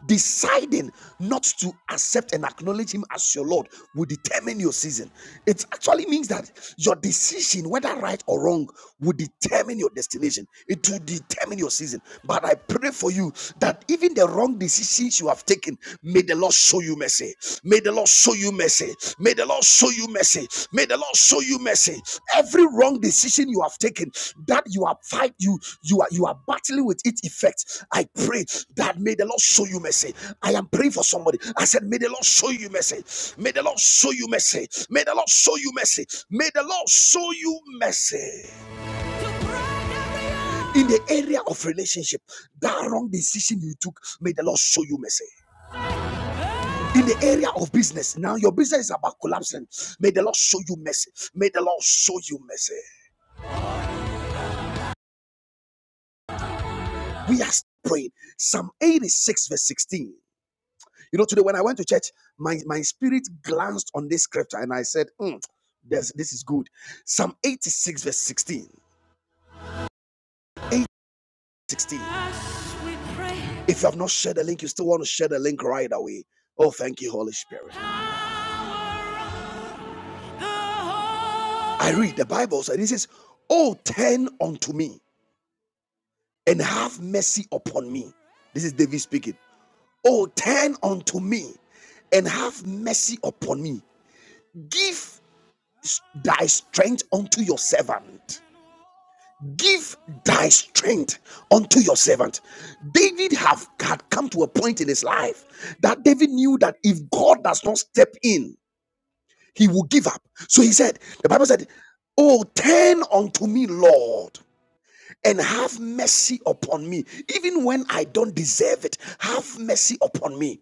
Speaker 1: Deciding not to accept and acknowledge Him as your Lord will determine your season. It actually means that your decision, whether right or wrong, will determine your destination. It will determine your season. But I pray for you that even the wrong decisions you have taken, may the Lord show you mercy captivity. May the Lord show you mercy. May the Lord show you mercy. May the Lord show you mercy. Every wrong decision you have taken, that you are fight, you you are you are battling with its effect. I pray that may the Lord show you mercy. I am praying for somebody. I said, May the Lord show you mercy. May the Lord show you mercy. May the Lord show you mercy. May the Lord show you mercy in the area of relationship. That wrong decision you took, may the Lord show you mercy. in the area of business. Now your business is about collapsing. May the Lord show you mercy. May the Lord show you mercy. We are praying. Psalm 86, verse 16. You know, today when I went to church, my, my spirit glanced on this scripture and I said, "Hmm, this, this is good. Psalm 86, verse 16. 8, If you have not shared the link, you still want to share the link right away. Oh, thank you, Holy Spirit. I read the Bible, so it says, Oh, turn unto me. and have mercy upon me. This is David speaking. Oh, turn unto me and have mercy upon me. Give thy strength unto your servant. Give thy strength unto your servant. David have had come to a point in his life that David knew that if God does not step in, he will give up. So he said, the Bible said, Oh, turn unto me, Lord. and have mercy upon me, even when I don't deserve it. Have mercy upon me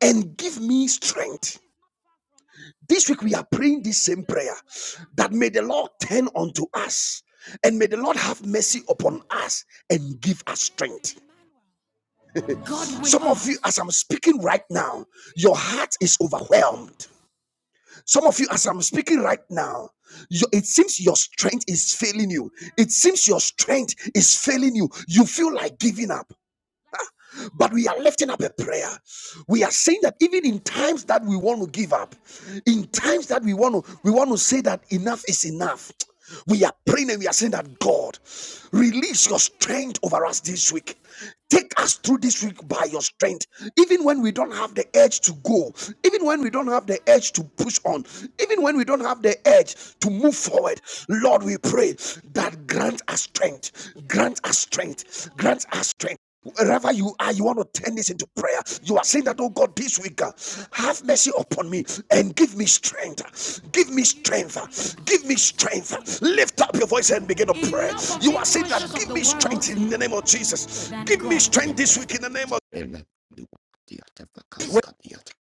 Speaker 1: and give me strength. This week we are praying this same prayer that may the Lord turn unto us and may the Lord have mercy upon us and give us strength. Some of you, as I'm speaking right now, your heart is overwhelmed. Some of you, as I'm speaking right now, your- it seems your strength is failing you. It seems your strength is failing you. You feel like giving up. But we are lifting up a prayer. We are saying that even in times that we want to give up, in times that we want to we want to say that enough is enough. We are praying and we are saying that God, release your strength over us this week. Take us through this week by your strength. Even when we don't have the edge to go, even when we don't have the edge to push on, even when we don't have the edge to move forward, Lord, we pray that grant us strength, grant us strength, grant us strength. Wherever you are, you want to turn this into prayer. You are saying that, oh God, this week, uh, have mercy upon me and give me strength. Give me strength. Give me strength. Lift up your voice and begin to pray. You are saying that, give me strength in the name of Jesus. Give me strength
Speaker 2: Yet,
Speaker 1: this week in the name of
Speaker 2: Ele, the Diateva, the Diat,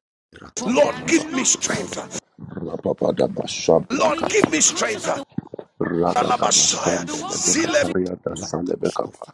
Speaker 2: Rati,
Speaker 1: Lord. Give
Speaker 3: Balaba.
Speaker 1: me
Speaker 2: Costa,
Speaker 1: strength.
Speaker 3: Rababa da bashabra
Speaker 1: Lord, give me
Speaker 3: kapalama.
Speaker 1: strength.
Speaker 3: Radada Basanda Lebeka Pariada
Speaker 2: La
Speaker 3: Salebekapa
Speaker 2: Coscofa,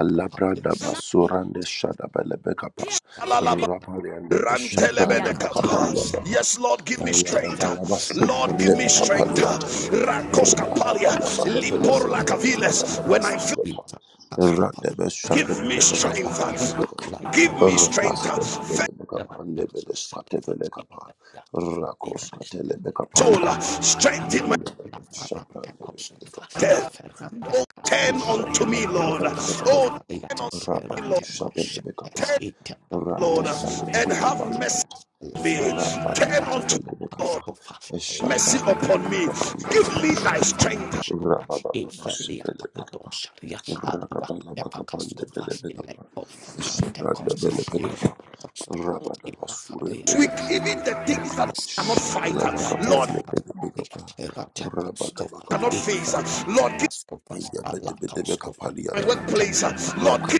Speaker 3: Alabranda Basurande Shada Belebekapa
Speaker 2: Evalia,
Speaker 3: Rabariande
Speaker 2: Le
Speaker 3: Beshabranda
Speaker 1: Rantelebedekapa.
Speaker 2: Parantecos,
Speaker 3: Bakapaliadapa
Speaker 1: Yes, Lord, give me
Speaker 3: Ayada
Speaker 2: Eratefa,
Speaker 1: strength.
Speaker 2: Vascopa,
Speaker 1: Lord, give
Speaker 3: Balabasubrande
Speaker 1: me
Speaker 2: Ela,
Speaker 1: strength.
Speaker 3: Bekapaliada
Speaker 1: Rakos
Speaker 2: Ela,
Speaker 1: kapalia,
Speaker 3: Rakapala Bakapele
Speaker 1: lipor
Speaker 2: Consatavas, Ela,
Speaker 3: Beskata
Speaker 1: lakaviles.
Speaker 3: Balabeka
Speaker 1: When I
Speaker 2: Farasta,
Speaker 1: feel,
Speaker 3: Paskota
Speaker 2: Ita, Cascopa,
Speaker 3: Rande
Speaker 1: give
Speaker 3: Beshade
Speaker 1: me
Speaker 2: Ela,
Speaker 3: Belebekapande
Speaker 2: Coscopa,
Speaker 1: strength.
Speaker 2: Like
Speaker 1: Give
Speaker 3: Belebekapa
Speaker 1: me
Speaker 2: Proton,
Speaker 1: strength.
Speaker 3: Rabaste
Speaker 2: Ela,
Speaker 1: Faith,
Speaker 2: the Yakov,
Speaker 3: Belebekapande Beleskate
Speaker 2: the
Speaker 3: Belekapa
Speaker 2: Lacos, the Lacos,
Speaker 3: Rakoskate
Speaker 2: the Lacos, the
Speaker 1: soul,
Speaker 3: Lebekapanda
Speaker 1: strengthen my
Speaker 2: La
Speaker 3: Shabala
Speaker 2: faranda coscofa, i
Speaker 1: death.
Speaker 2: ferranda
Speaker 1: Oh, turn
Speaker 2: cascofalia,
Speaker 1: unto me,
Speaker 2: la
Speaker 3: bakapa,
Speaker 1: Lord. Oh,
Speaker 2: cascofalia
Speaker 1: turn unto
Speaker 2: tessera
Speaker 1: me, Lord.
Speaker 2: te coscete,
Speaker 1: Turn,
Speaker 2: i te
Speaker 1: Lord,
Speaker 2: panuates, la
Speaker 1: and have
Speaker 2: fanua
Speaker 1: mercy
Speaker 2: catas, la
Speaker 1: on me.
Speaker 2: sante
Speaker 1: Turn
Speaker 2: rabias,
Speaker 1: unto me,
Speaker 2: la
Speaker 1: Lord.
Speaker 2: cascofa, la
Speaker 1: Mercy
Speaker 2: frande
Speaker 1: upon me.
Speaker 2: fracas,
Speaker 1: Give me
Speaker 2: i
Speaker 1: thy
Speaker 2: randa
Speaker 1: strength.
Speaker 2: cascofa, i felia capadosaria, a lua tepa cascofa,
Speaker 3: nebele
Speaker 2: i le cofarande cosas, i la cascofa, i la
Speaker 1: this week,
Speaker 2: falia
Speaker 1: even the things that I
Speaker 2: Rakas
Speaker 1: cannot fight, uh,
Speaker 2: Ibrata
Speaker 1: Lord,
Speaker 2: Fakaskati
Speaker 3: bekapa, rabada
Speaker 2: Eratekoskova
Speaker 1: cannot
Speaker 3: bakapa,
Speaker 1: face, uh,
Speaker 2: Iferante
Speaker 1: Lord, give me
Speaker 2: Kaskova Alakauskova
Speaker 1: my
Speaker 3: Eyabedebedebekapaliata.
Speaker 1: workplace, uh,
Speaker 2: Eratekova
Speaker 1: Lord,
Speaker 2: Yata
Speaker 1: give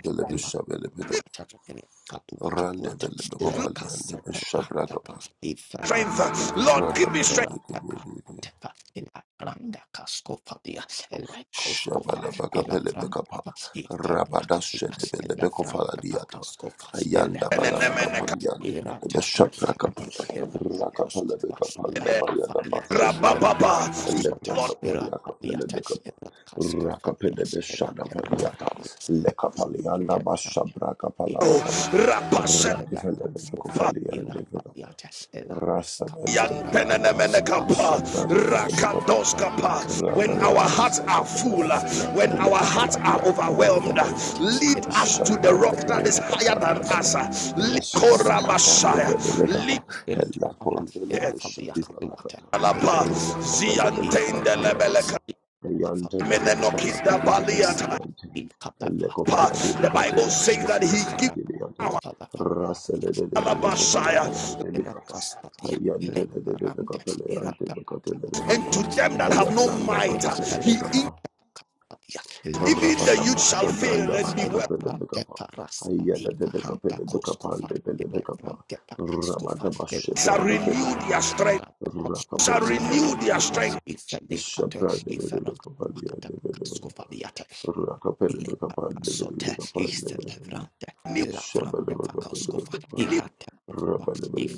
Speaker 1: me
Speaker 2: Lakatele Atuakatuata Lekasete Ranteka
Speaker 3: Randevelebekopaliandebeshabrakapa.
Speaker 1: strength,
Speaker 2: Iferanta
Speaker 1: uh, Lord,
Speaker 2: Kapalua
Speaker 1: give me strength.
Speaker 2: Erantaka
Speaker 3: Rakapelebekebebe.
Speaker 2: Tefa Ila Granda Kaskova Dia Elekoskova Ila
Speaker 3: Shabalabakapelebekapa,
Speaker 2: Franta Ifelia Kapita Elefranta
Speaker 3: Rabadashedebelebekofaladiata,
Speaker 2: Fakaskova Elekoskova
Speaker 3: Ayandabalabakapaliandebelebeshaprakapa,
Speaker 2: Erata Koskova, Laka Faliata,
Speaker 3: Rakapalebekapalabayadabashapanda,
Speaker 2: Erata
Speaker 1: rabababa, yes,
Speaker 2: Kosota,
Speaker 1: Lord,
Speaker 2: Erata Liata,
Speaker 3: Eleprakapaliakapelebekapa,
Speaker 2: Erakaskofalia, Erata
Speaker 3: Rakapelebeshadavadiata,
Speaker 2: Kofalia, Itevna,
Speaker 1: oh,
Speaker 2: Itevna,
Speaker 3: Lekapaliandabashabrakapalabakapa,
Speaker 1: rapasenapa,
Speaker 2: Erata Skofa, Erata
Speaker 3: Radifelebekofaliandebekapa,
Speaker 2: Liata, Erata
Speaker 1: yan
Speaker 2: Skabisra,
Speaker 3: Rasabelebekapa,
Speaker 1: penenemenekapa,
Speaker 2: Afaranja Voskofa,
Speaker 3: Shabrandebelebekapa,
Speaker 2: Randa
Speaker 1: rakadoskapa. When our
Speaker 2: Cascaviata,
Speaker 1: hearts are full, uh,
Speaker 2: Le
Speaker 1: when our
Speaker 2: Leko
Speaker 1: hearts are overwhelmed, uh,
Speaker 2: Inferioritas
Speaker 1: lead
Speaker 2: de la
Speaker 1: us to the rock that is
Speaker 2: fabricación
Speaker 1: higher than us. uh,
Speaker 2: cosas de la casa de la
Speaker 1: Likorabashaya,
Speaker 2: fabricación de la fabricación de la
Speaker 1: Alapa,
Speaker 2: casa y
Speaker 1: Ziantende Lebeleka,
Speaker 2: ferrantes y la fabricación
Speaker 1: Menenokida
Speaker 2: de la casa
Speaker 1: Baliata.
Speaker 2: y catafa y
Speaker 1: The Bible says that
Speaker 2: ferrantes y
Speaker 1: he gives
Speaker 2: ferrantes y
Speaker 1: power
Speaker 2: la
Speaker 3: Rasele de
Speaker 2: fabricación
Speaker 3: de
Speaker 2: de la casa
Speaker 1: Alabashaya,
Speaker 2: de la casa de la
Speaker 3: de
Speaker 2: ferrantes y la casa
Speaker 3: de
Speaker 1: and to them
Speaker 2: de
Speaker 1: that
Speaker 3: Aya
Speaker 1: have no
Speaker 3: branda
Speaker 1: might,
Speaker 2: la
Speaker 3: baka pele
Speaker 1: he
Speaker 3: beka
Speaker 2: casa de
Speaker 3: pa.
Speaker 2: la
Speaker 1: even the
Speaker 3: Rapada
Speaker 1: youth
Speaker 2: Koskofa
Speaker 1: shall
Speaker 3: basha
Speaker 2: hande
Speaker 1: fail
Speaker 3: branda
Speaker 1: and be
Speaker 3: baya
Speaker 2: baske
Speaker 1: well,
Speaker 2: la
Speaker 3: kapele beka
Speaker 2: brande
Speaker 3: pa.
Speaker 2: parasta
Speaker 3: Aya
Speaker 2: di
Speaker 3: da de beka
Speaker 2: fahanda
Speaker 3: pele beka pa
Speaker 2: koskofa
Speaker 3: de pele
Speaker 2: la
Speaker 3: beka pa.
Speaker 2: brande pakaskofa
Speaker 3: Rabada basha
Speaker 2: la
Speaker 1: shall
Speaker 3: braka
Speaker 2: kuke
Speaker 3: pele
Speaker 2: la
Speaker 1: renew
Speaker 3: beka
Speaker 1: their
Speaker 3: pa.
Speaker 2: baske
Speaker 1: strength,
Speaker 2: la
Speaker 3: Raka
Speaker 2: koskofa
Speaker 1: shall
Speaker 3: pele beka pa
Speaker 1: renew
Speaker 2: ali
Speaker 3: de
Speaker 1: their
Speaker 3: beka
Speaker 2: kofa
Speaker 3: pa.
Speaker 1: strength.
Speaker 2: ife di
Speaker 3: Esha
Speaker 2: hatu
Speaker 3: branda
Speaker 2: ife
Speaker 3: bele
Speaker 2: la
Speaker 3: beka pa de ya
Speaker 2: kata
Speaker 3: de bele beka
Speaker 2: kaskofa
Speaker 3: pa. Raka pele
Speaker 2: Ile
Speaker 3: beka pa de bele
Speaker 2: Sota
Speaker 3: beka pa de
Speaker 2: Easter
Speaker 3: bele beka.
Speaker 2: Levrante,
Speaker 1: Renew-
Speaker 3: Shabele
Speaker 2: Ilavrante
Speaker 3: beka pele
Speaker 2: Kakoscova,
Speaker 3: beka pa.
Speaker 2: Irate
Speaker 3: Of
Speaker 2: Kosva,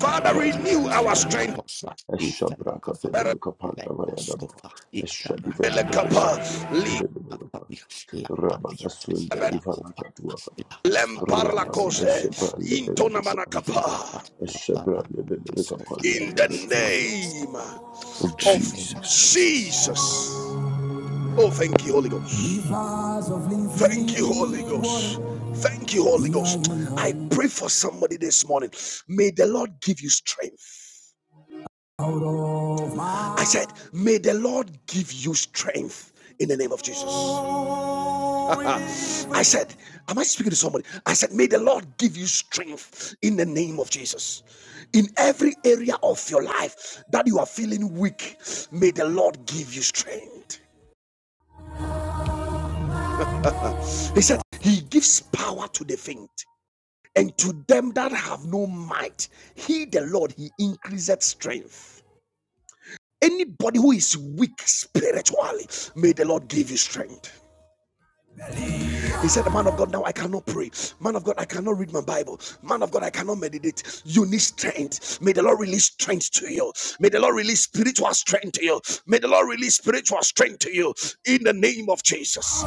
Speaker 1: Father, renew our
Speaker 2: Alla
Speaker 1: strength.
Speaker 2: Kosva, Ifela Kafalua, Le Koscova, Iferante Koscova, Ilafalia, La Kaliates, La Kofava, La Kafaliates, La Yes, Ifela, Ifela,
Speaker 1: In the
Speaker 2: Koscovaliates, Yes,
Speaker 1: name
Speaker 2: in the
Speaker 1: of
Speaker 2: name of
Speaker 3: Jesus.
Speaker 2: Jesus.
Speaker 1: Jesus. Oh, thank you, Holy Ghost. Thank you, Holy Ghost. Thank you, Holy Ghost. I pray for somebody this morning. May the Lord give you strength. I said, May the Lord give you strength in the name of Jesus. I said, Am I speaking to somebody? I said, May the Lord give you strength in the name of Jesus. In every area of your life that you are feeling weak, may the Lord give you strength. He said, He gives power to the faint. And to them that have no might, he the Lord, he increaseth strength. Anybody who is weak spiritually, may the Lord give you strength. He said, Man of God, now I cannot pray. Man of God, I cannot read my Bible. Man of God, I cannot meditate. You need strength. May the Lord release strength to you. May the Lord release spiritual strength to you. May the Lord release spiritual strength to you in the name of Jesus.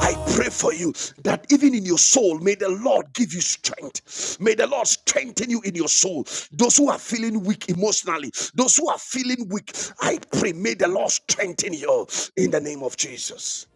Speaker 1: I pray for you that even in your soul, may the Lord give you strength. May the Lord strengthen you in your soul. Those who are feeling weak emotionally, those who are feeling weak, I pray, may the Lord strengthen you in the name of Jesus.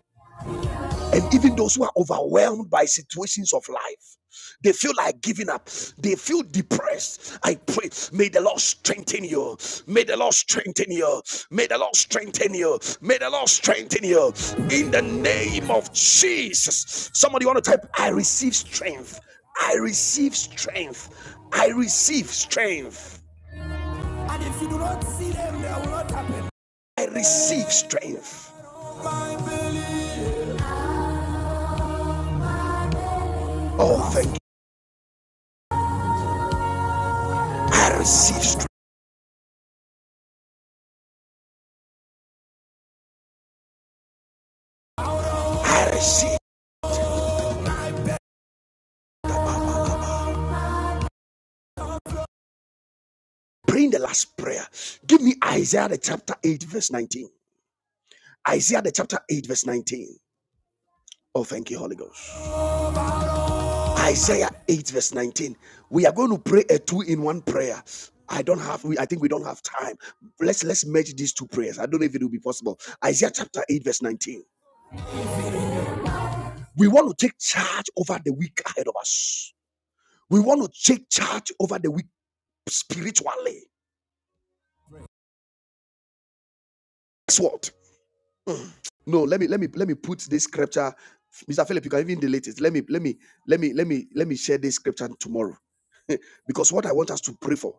Speaker 1: And even those who are overwhelmed by situations of life, they feel like giving up, they feel depressed. I pray, may the Lord strengthen you. May the Lord strengthen you. May the Lord strengthen you. May the Lord strengthen you. In the name of Jesus. Somebody want to type, I receive strength. I receive strength. I receive strength. I receive strength. Oh, thank you. I receive strength. I receive. Praying the last prayer. Give me Isaiah the chapter 8, verse 19. Isaiah the chapter 8, verse 19. Oh, thank you, Holy Ghost. Isaiah 8, verse 19. We are going to pray a two-in-one prayer. I don't have we I think we don't have time. Let's let's merge these two prayers. I don't know if it will be possible. Isaiah chapter 8, verse 19. We want to take charge over the week ahead of us. We want to take charge over the week spiritually. Guess what? No, let me let me let me put this scripture. Mr. Philip, you can even delete it. Let me let me let me let me let me share this scripture tomorrow. because what I want us to pray for,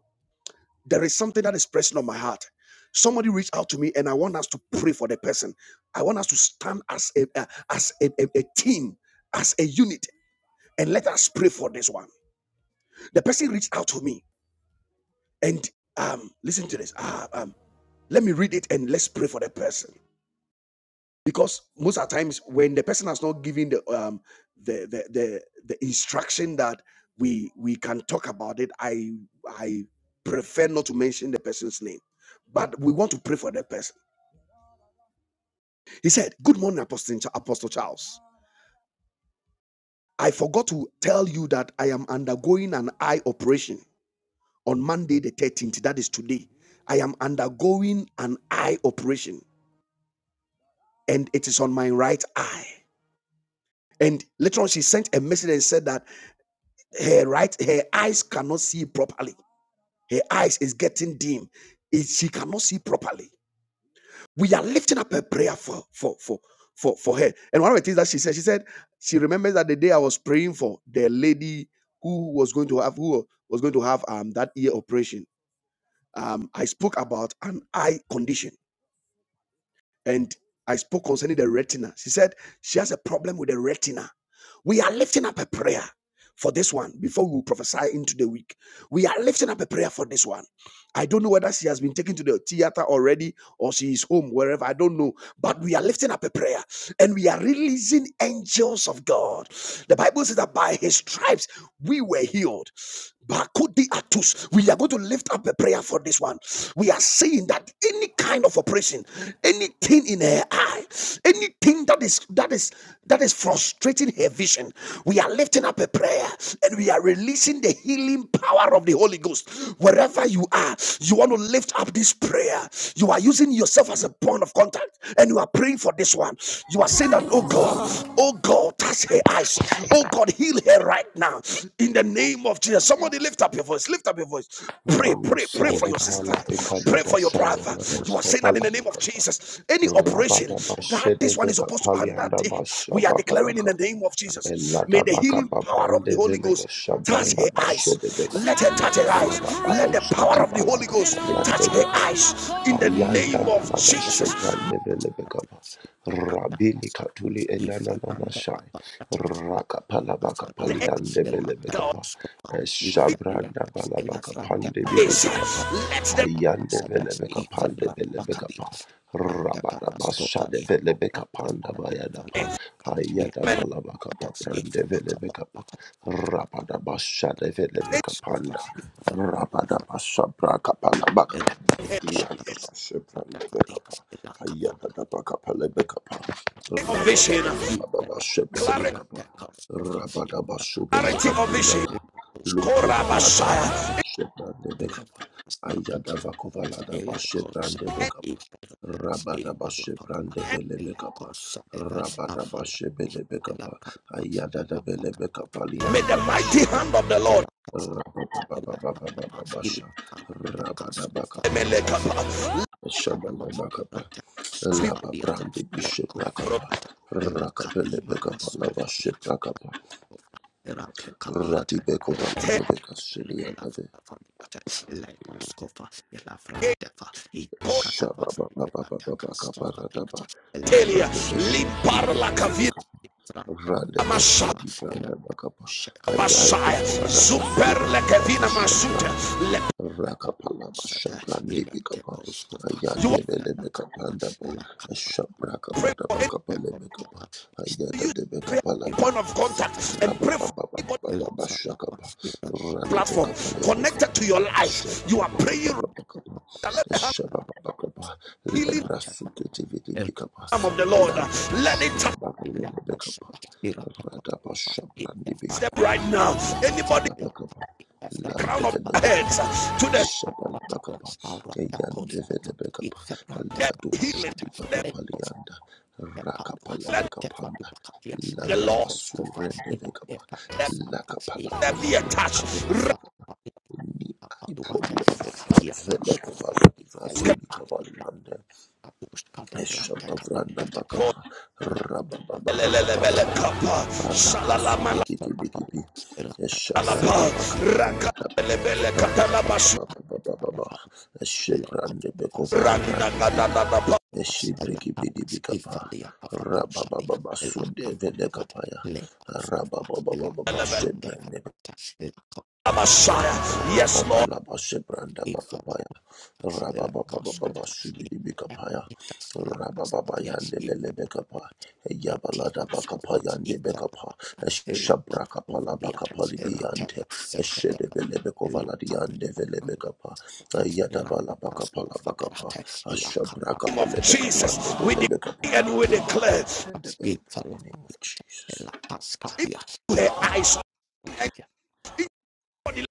Speaker 1: there is something that is pressing on my heart. Somebody reached out to me, and I want us to pray for the person. I want us to stand as a a- as a, a, a team, as a unit, and let us pray for this one. The person reached out to me, and um, listen to this. Ah, um, let me read it, and let's pray for the person. because most of the times when the person has not given the um the the the, the instruction that we we can talk about it i i prefer not to mention the person's name but we want to pray for the person he said good morning apostle, apostle charles i forgot to tell you that i am undergoing an eye operation on monday the 13th that is today i am undergoing an eye operation and it is on my right eye and later on, she sent a message and said that her right her eyes cannot see properly her eyes is getting dim It- she cannot see properly we are lifting up a prayer for for for for for her and one of the things that she said she said she remembers that the day i was praying for the lady who was going to have who was going to have um that ear operation um i spoke about an eye condition and I spoke concerning the retina. She said she has a problem with the retina. We are lifting up a prayer for this one before we prophesy into the week. We are lifting up a prayer for this one. I don't know whether she has been taken to the theater already or she is home, wherever. I don't know. But we are lifting up a prayer and we are releasing angels of God. The Bible says that by his stripes we were healed. We are atus going to lift up a prayer for this one. We are saying that any kind of oppression, anything in her eye, anything that is that is that is frustrating her vision, we are lifting up a prayer and we are releasing the healing power of the Holy Ghost. Wherever you are, you want to lift up this prayer. You are using yourself as a point of contact and you are praying for this one. You are saying that, oh God, oh God, touch her eyes. Oh God, heal her right now in the name of Jesus. Somebody lift up your voice. Lift up your voice. Pray, pray,
Speaker 3: Ranose
Speaker 1: pray for your
Speaker 2: Ifela,
Speaker 1: sister.
Speaker 3: evala
Speaker 1: Pray
Speaker 3: ekadada
Speaker 1: for your
Speaker 3: saya
Speaker 1: brother. You
Speaker 3: ranos
Speaker 1: are saying that in
Speaker 3: kavala
Speaker 1: the name of
Speaker 3: bakapa.
Speaker 1: Jesus. Any operation
Speaker 3: Rabada
Speaker 1: that
Speaker 3: bashede
Speaker 1: this one is
Speaker 3: veka
Speaker 1: supposed to
Speaker 3: palianda
Speaker 1: undertake, we are declaring in
Speaker 3: basha
Speaker 1: the name of
Speaker 2: Thank
Speaker 1: Jesus. May
Speaker 3: Elada
Speaker 1: the healing
Speaker 3: bakapa
Speaker 1: power of the
Speaker 3: brande
Speaker 1: Holy
Speaker 3: velebe
Speaker 1: Ghost touch
Speaker 3: shabranda
Speaker 1: her
Speaker 3: bashede
Speaker 1: eyes.
Speaker 3: bekapa.
Speaker 1: Let her touch her eyes. Let the
Speaker 3: Rabados
Speaker 1: power of
Speaker 3: katiba
Speaker 1: the Holy
Speaker 3: laka
Speaker 1: Ghost touch
Speaker 3: yande
Speaker 1: her
Speaker 3: bekapa.
Speaker 1: eyes in the
Speaker 3: Ayanda
Speaker 1: name of
Speaker 3: balaba
Speaker 1: Jesus.
Speaker 3: shebrande velebe kapa. Rabili katuli elana nana shai. Rakapala bakapa liande velebe
Speaker 1: God
Speaker 3: kapa. Shabranda balaba kapande
Speaker 1: is
Speaker 3: bilibi kapa.
Speaker 1: let them
Speaker 3: Ayande velebe kapande velebe kapa. Rabada bashade velebe kapanda
Speaker 1: be.
Speaker 3: Hayata
Speaker 1: Amen.
Speaker 3: balabaka brande vele beka pa
Speaker 2: you.
Speaker 3: rapada basha de vele
Speaker 2: Thank
Speaker 3: beka panda rapada basha braka
Speaker 1: Any of vision.
Speaker 3: Rababababababababasha belle belka pa Rababababababababasha belle
Speaker 1: Clarity
Speaker 3: belka pa Rababababababababasha belle belka
Speaker 1: of vision.
Speaker 3: pa Rababababababababasha belle belka pa Rababababababababasha belle belka pa Rababababababababasha belle belka pa Rababababababababasha belle belka pa Rababababababababasha belle belka pa Rababababababababasha belle belka pa Rababababababababasha belle belka pa
Speaker 2: you.
Speaker 1: May the mighty hand of the Lord
Speaker 2: Ela kasi,
Speaker 3: Rababababababababasha belle belka pa Rababababababababasha belle belka pa Rababababababababasha belle belka pa Rababababababababasha belle
Speaker 2: ela
Speaker 3: belka pa Rababababababababasha belle belka pa Rababababababababasha belle belka pa Rababababababababasha belle belka
Speaker 2: pas,
Speaker 3: pa
Speaker 2: ila
Speaker 3: Rababababababababasha
Speaker 2: kan, ela
Speaker 3: belle
Speaker 2: kas
Speaker 3: belka
Speaker 2: kufa yate,
Speaker 3: pa Rababab
Speaker 2: ela shama
Speaker 3: Shabala
Speaker 2: pas,
Speaker 3: Bakapa,
Speaker 2: ela te
Speaker 1: Let's be
Speaker 2: kufa
Speaker 3: Lapa
Speaker 2: yate,
Speaker 3: Brandi Bishop
Speaker 2: neko
Speaker 3: Rakapa,
Speaker 1: protected.
Speaker 2: yate, ela
Speaker 3: Rakapele
Speaker 2: kadi
Speaker 3: Bekapa,
Speaker 2: maras
Speaker 3: Laba
Speaker 2: kufa
Speaker 3: Ship
Speaker 2: yate,
Speaker 3: Rakapa,
Speaker 2: kufa, ela te kadi
Speaker 3: Radi
Speaker 2: yate,
Speaker 3: Bekova,
Speaker 2: ela kapa,
Speaker 3: Debeka Silia,
Speaker 2: ela fa fa
Speaker 3: Shababa Baba Baba Baba Radi Bishop Rade Beshadi Vranda Bakapa
Speaker 2: Shaka the
Speaker 3: Ayako Felada Basura Rada
Speaker 2: Anatevas, Ivanakova,
Speaker 3: Bashabranda Rakapala
Speaker 2: Sata,
Speaker 3: Bashabrandi Bikapa
Speaker 2: Irateposkopa,
Speaker 1: you
Speaker 3: Ayande
Speaker 1: want
Speaker 3: Bele
Speaker 2: Ivanakova,
Speaker 3: Bekapanda Ba
Speaker 2: Lakapa,
Speaker 1: to
Speaker 3: Shabrakapa
Speaker 1: pray for any
Speaker 3: Dabakapa Lebekapa
Speaker 2: Irateposkapa,
Speaker 3: Ayada
Speaker 1: use
Speaker 3: de
Speaker 1: prayer
Speaker 3: Bekapala
Speaker 1: point of
Speaker 3: Bakapa
Speaker 2: Ilapasata,
Speaker 1: contact and pray
Speaker 2: Ilapasata,
Speaker 1: for anybody
Speaker 2: Ilapasata,
Speaker 3: Rabababababababashakapa Rade
Speaker 1: platform
Speaker 3: Bekapa
Speaker 1: connected
Speaker 3: Lebekapa
Speaker 1: to
Speaker 2: Ilapasata,
Speaker 1: your life. You are praying.
Speaker 3: Shababababababakapa
Speaker 1: right Let the hand
Speaker 2: Ilapasata,
Speaker 3: Shabababakapa
Speaker 2: If
Speaker 1: healing
Speaker 3: Lebra Suketi Vidi Bikapa
Speaker 1: arm of the Lord.
Speaker 3: Landa
Speaker 1: Let it
Speaker 3: Bashula
Speaker 1: touch
Speaker 3: Bakapa Lebekapa Radaba Shabrandi
Speaker 1: them
Speaker 3: Bikapa,
Speaker 1: right now. Anybody
Speaker 3: Lakapala Bakapa,
Speaker 1: crown of
Speaker 3: Landevele
Speaker 1: their heads
Speaker 3: Bekapa,
Speaker 1: to the
Speaker 3: Shabala Bakapa, Yandevele Bekapa,
Speaker 1: that
Speaker 3: Ladu
Speaker 1: healing,
Speaker 3: Shadiva
Speaker 1: that,
Speaker 3: Kapalianda, Rakapala
Speaker 1: that
Speaker 3: Bekapanda,
Speaker 1: the Lord
Speaker 3: Landaba Surende Bekapa,
Speaker 1: that,
Speaker 3: Lakapala
Speaker 1: that be
Speaker 3: Basura
Speaker 1: attached. Raskabo-
Speaker 3: Kapalanda, Ni I problem, Vele Kavali Vazuli Kavalanda.
Speaker 2: Ilaka
Speaker 3: Eshabavranda bakapa
Speaker 1: lelelebele
Speaker 3: rabababababababa
Speaker 1: kapa,
Speaker 3: baraka
Speaker 1: shalalamalalapa,
Speaker 3: surikiti bikiti eshabranda bakaparia tapa
Speaker 1: rakalebele katalabasu,
Speaker 3: rababababababa eshebrande bekovara brandi kibi
Speaker 1: randagadadadapa,
Speaker 3: eshibriki bidi bikapa rababababa sunde vede kapaya rabababababa
Speaker 1: lelebele Messiah. Yes, Lord,
Speaker 3: Rabababa Shebranda
Speaker 2: Ifala
Speaker 3: Bakapaya
Speaker 2: la
Speaker 3: Rabababa
Speaker 2: cascota e
Speaker 3: Shibidi Bikapaya
Speaker 2: panitas la
Speaker 3: Rabababa
Speaker 2: castadia
Speaker 3: Yande
Speaker 2: e
Speaker 3: Belebekapa Yabalada
Speaker 2: praticos
Speaker 3: Bakapa
Speaker 2: copas e
Speaker 3: Yande Bekapa
Speaker 2: clatas e la
Speaker 3: Shabrakapala
Speaker 2: coscofalia
Speaker 3: Bakapali
Speaker 2: e la
Speaker 3: Biante
Speaker 2: teca
Speaker 3: Shede
Speaker 2: septeteca e la
Speaker 3: Belebekovala Yande
Speaker 2: caprica
Speaker 3: Velebekapa
Speaker 2: e la
Speaker 3: Yadabala Bakapala Bakapa
Speaker 2: cascofalerate e la
Speaker 1: in the name of
Speaker 2: capacuata e la
Speaker 1: Jesus,
Speaker 3: Shabrakapelebekapande
Speaker 1: we
Speaker 2: capacuata
Speaker 3: Belebekapa
Speaker 1: decree
Speaker 2: e
Speaker 1: and we declare
Speaker 3: in the name of Jesus.
Speaker 2: la cascadia
Speaker 1: to
Speaker 2: e
Speaker 1: her eyes and body,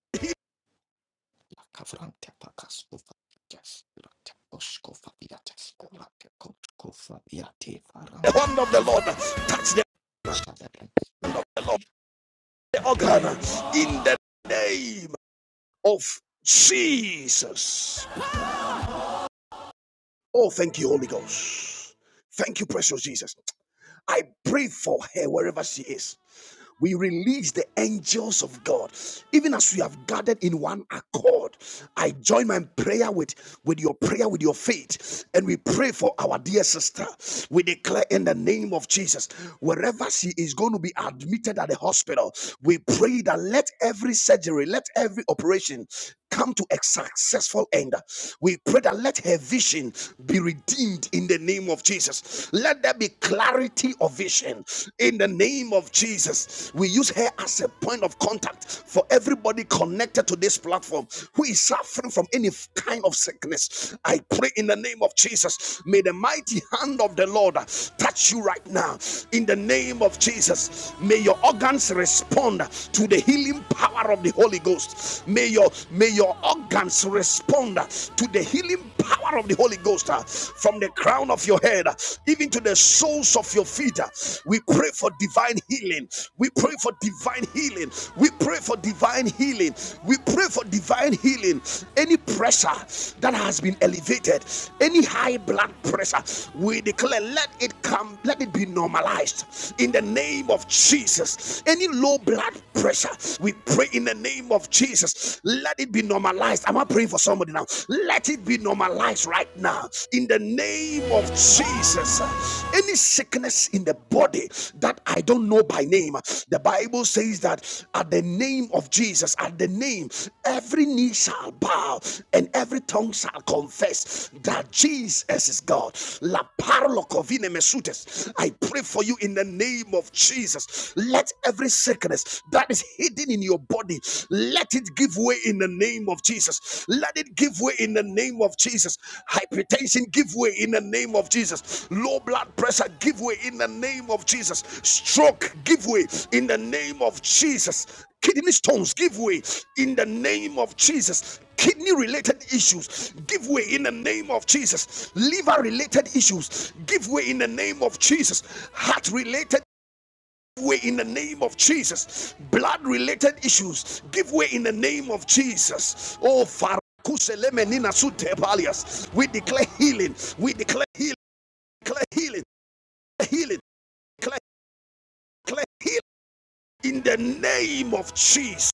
Speaker 2: La Kavrante pakastufa jas late oskofa viates late koskofa viate
Speaker 1: the
Speaker 2: faranta
Speaker 1: hand of the Lord
Speaker 2: kastufa
Speaker 1: touch the,
Speaker 2: shadare
Speaker 1: the Lord, the organ in the name of Jesus. Oh, thank you, Holy Ghost. Thank you, precious Jesus. I pray for her wherever she is. We release the angels of God. Even as we have gathered in one accord, I join my prayer with, with your prayer, with your faith, and we pray for our dear sister. We declare in the name of Jesus, wherever she is going to be admitted at the hospital, we pray that let every surgery, let every operation come to a successful end. We pray that let her vision be redeemed in the name of Jesus. Let there be clarity of vision in the name of Jesus. We use her as a point of contact for everybody connected to this platform who is suffering from any kind of sickness. I pray in the name of Jesus. May the mighty hand of the Lord touch you right now. In the name of Jesus, may your organs respond to the healing power of the Holy Holy Ghost. May your may your organs respond uh, to the healing power of the Holy Ghost uh, from the crown of your head uh, even to the soles of your feet. uh. We pray for divine healing. We pray for divine healing. We pray for divine healing. We pray for divine healing. Any pressure that has been elevated, any high blood pressure, we declare let it come, let it be normalized in the name of Jesus. Any low blood pressure pressure. We pray in the name of Jesus. Let it be normalized. Am I praying for somebody now? Let it be normalized right now. In the name of Jesus. Any sickness in the body that I don't know by name, the Bible says that at the name of Jesus, at the name, every knee shall bow and every tongue shall confess that Jesus is God. La parlo covine mesutes. I pray for you in the name of Jesus. Let let every sickness that is hidden in your body, let it give way in the name of Jesus. Let it give way in the name of Jesus. Hypertension, give way in the name of Jesus. Low blood pressure, give way in the name of Jesus. Stroke, give way in the name of Jesus. Kidney stones, give way in the name of Jesus. Kidney related issues, give way in the name of Jesus. Liver related issues, give way in the name of Jesus. Heart related way in the name of Jesus. Blood related issues, give way in the name of Jesus. Oh, Farakuse Sute Palias. We declare healing. We declare healing. Declare healing. healing. declare healing in the name of Jesus.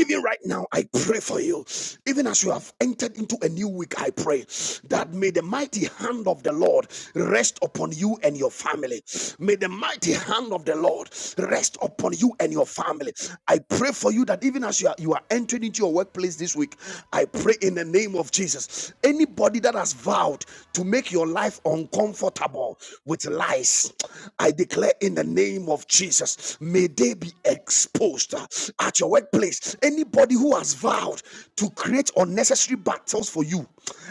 Speaker 1: Even right now, I pray for you. Even as you have entered into a new week, I pray that may the mighty hand of the Lord rest upon you and your family. May the mighty hand of the Lord rest upon you and your family. I pray for you that even as you are, you are entering into your workplace this week, I pray in the name of Jesus. Anybody that has vowed to make your life uncomfortable with lies, I declare in the name of Jesus workers, may they be exposed uh, at your workplace. Anybody who has vowed to create unnecessary battles for you,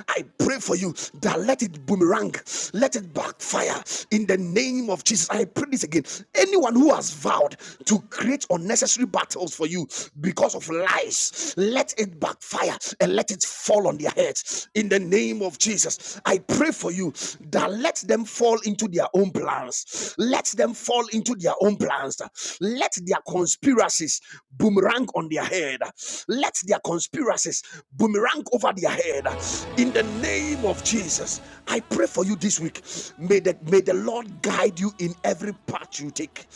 Speaker 1: I pray for you that let it boomerang, let it backfire in the name of Jesus. I pray this again. Anyone who has vowed to create unnecessary battles for you because of lies, let it backfire and let it fall on their heads in the name of Jesus. I pray for you that let them fall fall into their own plans. Let them fall into their own plans. Let their conspiracies boomerang on their head. Let their conspiracies boomerang over their head. In the name of Jesus, I pray for you this week. May the, may the Lord guide you in every path you take.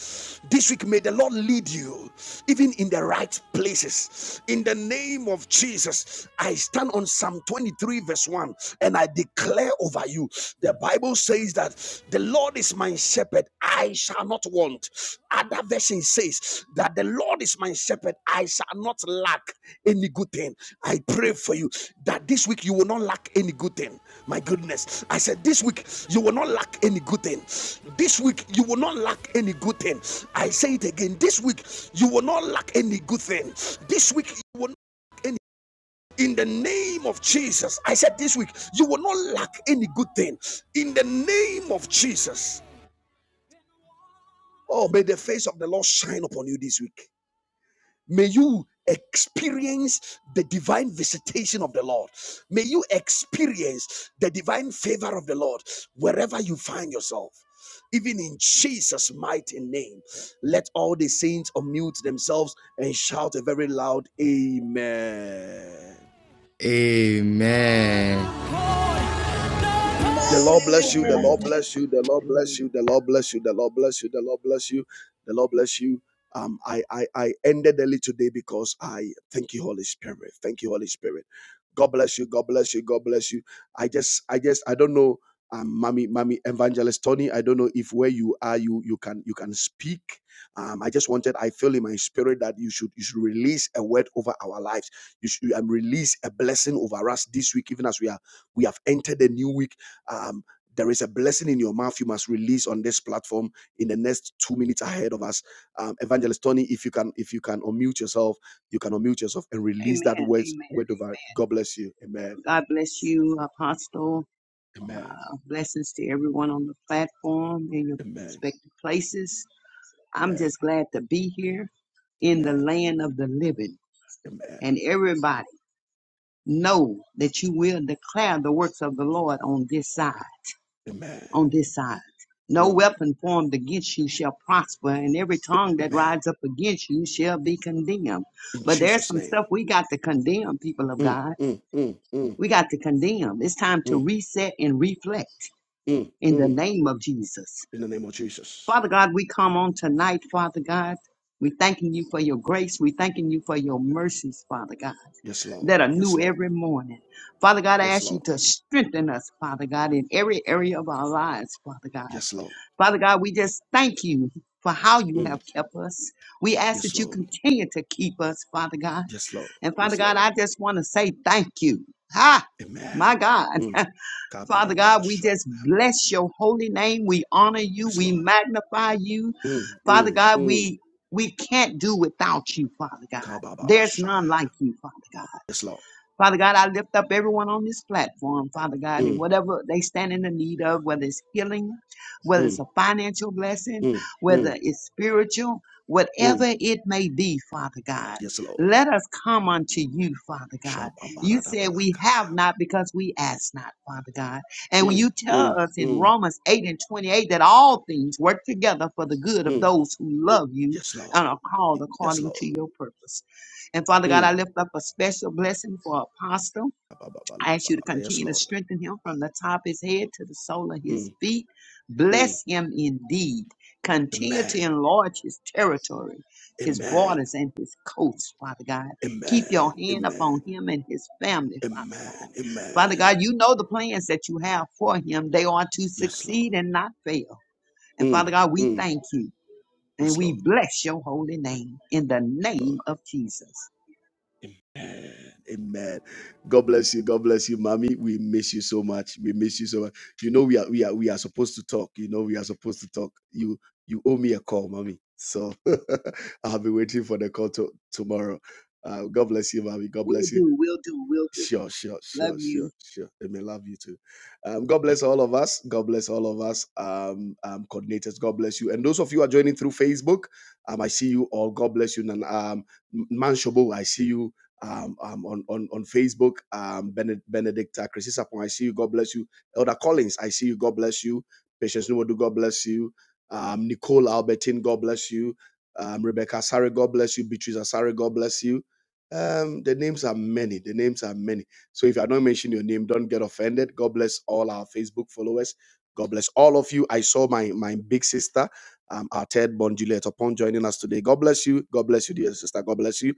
Speaker 1: This week, may the Lord lead you even in the right places. In the name of Jesus, I stand on Psalm 23, verse 1. 1 and I declare over you. The Bible says that the Lord is my shepherd, I shall not want. Other version says that the Lord is my shepherd, I shall not lack any good thing. I pray for you that this week you will not lack any good thing. My goodness. I said, This week you will not lack any good thing. This week you will not lack any good thing. I say it again. This week you will not lack any good thing. This week you will not lack any in the name of Jesus. I said this week, you will not lack any good thing in the name of Jesus. Oh, may the face of the Lord shine upon you this week. May you experience the divine visitation of the Lord. May you experience the divine favor of the Lord wherever you find yourself. Even in Jesus' mighty name, let all the saints unmute themselves and shout a very loud Amen. The Lord bless you. The
Speaker 4: Amen.
Speaker 3: Amen.
Speaker 1: Lord bless you. The Lord bless
Speaker 5: Amen.
Speaker 1: you. The Lord bless you. The Lord bless you. The Lord bless you. The Lord bless you. Um, I, I I ended early today because I thank you, Holy Spirit. Thank you, Holy Spirit. God bless you. God bless you. God bless you. I just I just I don't know, um, mommy, mommy evangelist Tony. I don't know if where you are, you you can you can speak. Um, I just wanted. I feel in my spirit that you should you should release a word over our lives. You should um, release a blessing over us this week, even as we are we have entered a new week um, there is a blessing in your mouth you must release on this platform in the next two minutes ahead of us. Um, Evangelist Tony, if you can, if you can unmute yourself, you can unmute yourself and release that
Speaker 5: Amen.
Speaker 1: word,
Speaker 5: Amen.
Speaker 1: word over. God bless you. Amen.
Speaker 5: God bless you, Apostle.
Speaker 1: Amen.
Speaker 5: Uh, blessings to everyone on the platform in your
Speaker 1: Amen.
Speaker 5: respective places. I'm
Speaker 1: Amen.
Speaker 5: just glad to be here in the
Speaker 1: Amen.
Speaker 5: land of the living.
Speaker 1: Amen.
Speaker 5: And everybody know that you will declare the works of the Lord on this side,
Speaker 1: Amen.
Speaker 5: on this side. No
Speaker 1: Mm.
Speaker 5: weapon formed against you shall prosper, and every tongue that
Speaker 1: Amen.
Speaker 5: rises up against you shall be condemned.
Speaker 1: In
Speaker 5: But there's
Speaker 1: Jesus'
Speaker 5: some stuff
Speaker 1: name.
Speaker 5: we got to condemn, people of
Speaker 1: Mm,
Speaker 5: God.
Speaker 1: mm, mm, mm,
Speaker 5: We got to condemn. It's time to
Speaker 1: mm,
Speaker 5: reset and reflect
Speaker 1: mm,
Speaker 5: in the
Speaker 1: mm.
Speaker 5: name of Jesus.
Speaker 1: In the name of Jesus.
Speaker 5: Father God, we come on tonight, Father God. We thanking you for your grace. We thanking you for your mercies, Father God,
Speaker 1: Yes, Lord.
Speaker 5: that are
Speaker 1: Yes,
Speaker 5: new
Speaker 1: Lord.
Speaker 5: every morning. Father God, I
Speaker 1: Yes,
Speaker 5: ask you
Speaker 1: Lord.
Speaker 5: to strengthen us, Father God, in every area of our lives, Father God.
Speaker 1: Yes, Lord.
Speaker 5: Father God, we just thank you for how you
Speaker 1: Mm.
Speaker 5: have kept us. We ask
Speaker 1: Yes,
Speaker 5: that you
Speaker 1: Lord.
Speaker 5: continue to keep us, Father God.
Speaker 1: Yes, Lord.
Speaker 5: And Father
Speaker 1: Yes, Lord.
Speaker 5: God, I just want to say thank you. Ha!
Speaker 1: Amen.
Speaker 5: My God.
Speaker 1: Mm.
Speaker 5: Father God, we
Speaker 1: Kabababasha.
Speaker 5: just bless your holy name. We honor you.
Speaker 1: Yes,
Speaker 5: We
Speaker 1: Lord.
Speaker 5: magnify you.
Speaker 1: Mm,
Speaker 5: Father
Speaker 1: mm,
Speaker 5: God,
Speaker 1: mm.
Speaker 5: we we can't do without you, Father God. There's none like
Speaker 1: Kabababashaya.
Speaker 5: you, Father God.
Speaker 1: Yes, Lord.
Speaker 5: Father God, I lift up everyone on this platform, Father God, and
Speaker 1: Mm,
Speaker 5: whatever they stand in the need of, whether it's healing, whether it's
Speaker 1: mm,
Speaker 5: a financial blessing,
Speaker 1: mm, mm,
Speaker 5: whether it's spiritual, whatever
Speaker 1: mm.
Speaker 5: it may be, Father God.
Speaker 1: Yes, Lord.
Speaker 5: Let us come unto you, Father God. You said we
Speaker 1: Shababaradabalakaba.
Speaker 5: have not because we ask not, Father God. And when
Speaker 1: Mm,
Speaker 5: you tell
Speaker 1: mm,
Speaker 5: us in
Speaker 1: mm,
Speaker 5: Romans 8 and 28 that all things work together for the good of
Speaker 1: mm.
Speaker 5: those who love you
Speaker 1: Yes, Lord.
Speaker 5: and are called
Speaker 1: Y- Yes,
Speaker 5: according to
Speaker 1: Lord.
Speaker 5: your purpose. And Father God,
Speaker 1: Mm.
Speaker 5: I lift up a special blessing for Apostle. I ask you to
Speaker 1: Kabababalabalaba. Yes,
Speaker 5: continue to
Speaker 1: Lord.
Speaker 5: strengthen him from the top of his head to the sole of his
Speaker 1: Mm,
Speaker 5: feet.
Speaker 1: mm.
Speaker 5: Bless him indeed. Continue to
Speaker 1: Amen.
Speaker 5: enlarge his territory, his
Speaker 1: Amen.
Speaker 5: borders, and his coast, Father God. Keep
Speaker 1: Amen.
Speaker 5: your hand
Speaker 1: Amen.
Speaker 5: upon him and his family, Father God.
Speaker 1: Amen.
Speaker 5: Father
Speaker 1: Amen.
Speaker 5: God, you know the plans that you have for him. They are to
Speaker 1: Yes, Lord.
Speaker 5: succeed and not fail. And
Speaker 1: Mm,
Speaker 5: Father God, we
Speaker 1: mm.
Speaker 5: thank you and
Speaker 1: Yes,
Speaker 5: we
Speaker 1: Lord.
Speaker 5: bless your holy name in the name of Jesus.
Speaker 1: Amen. God bless you. God bless you, mommy. We miss you so much. We miss you so much. You know, we are we are we are supposed to talk. You know, we are supposed to talk. You you owe me a call, mommy. So I'll be waiting for the call to, tomorrow. Uh, God bless you, mommy. God
Speaker 5: will
Speaker 1: bless you.
Speaker 5: do, will do, will do.
Speaker 1: Sure, sure, sure,
Speaker 5: Love you.
Speaker 1: sure, sure. They may love you too. Um, God bless all of us. God bless all of us. Um, um, coordinators, God bless you. And those of you who are joining through Facebook, um, I see you all. God bless you. And um, Manshobo, I see you. Um, um, on, on, on Facebook, um, Bened- Benedicta, Chris Sapon, I see you. God bless you. Elder Collins, I see you. God bless you. Patience Numodu, God bless you. Um, Nicole Albertine, God bless you. Um, Rebecca Asare, God bless you. Beatrice Asare, God bless you. Um, the names are many. The names are many. So if I don't mention your name, don't get offended. God bless all our Facebook followers. God bless all of you. I saw my my big sister, um, our third born Juliet, upon joining us today. God bless you. God bless you, dear sister. God bless you.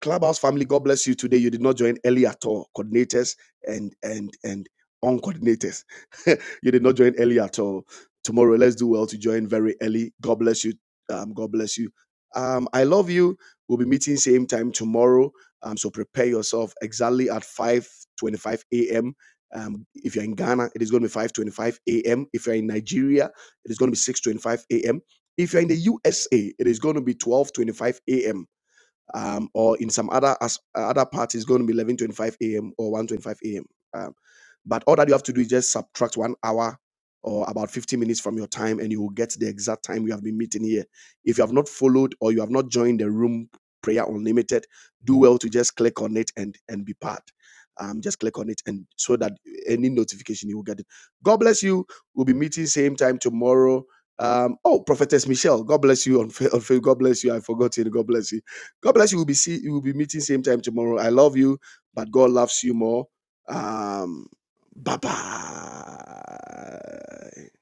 Speaker 1: Clubhouse family, God bless you today. You did not join early at all, coordinators and and and uncoordinators. you did not join early at all. Tomorrow, let's do well to join very early. God bless you. Um, God bless you. Um, I love you. We'll be meeting same time tomorrow. Um, so prepare yourself exactly at 5:25 a.m. Um, if you're in Ghana, it is going to be 5:25 a.m. If you're in Nigeria, it is going to be 6:25 a.m. If you're in the USA, it is going to be 12:25 a.m um, or in some other as, uh, other parts it's going to be 11:25 a.m. or 1:25 a.m. Um, but all that you have to do is just subtract one hour or about 50 minutes from your time, and you will get the exact time we have been meeting here. If you have not followed or you have not joined the room prayer unlimited, do well to just click on it and and be part. Um, just click on it and so that any notification you will get it. God bless you. We'll be meeting same time tomorrow. Um, oh, Prophetess Michelle, God bless you on, Fa- on Fa- God bless you. I forgot you. God bless you God bless you. We'll be see we'll be meeting same time tomorrow. I love you, but God loves you more. Um bye bye.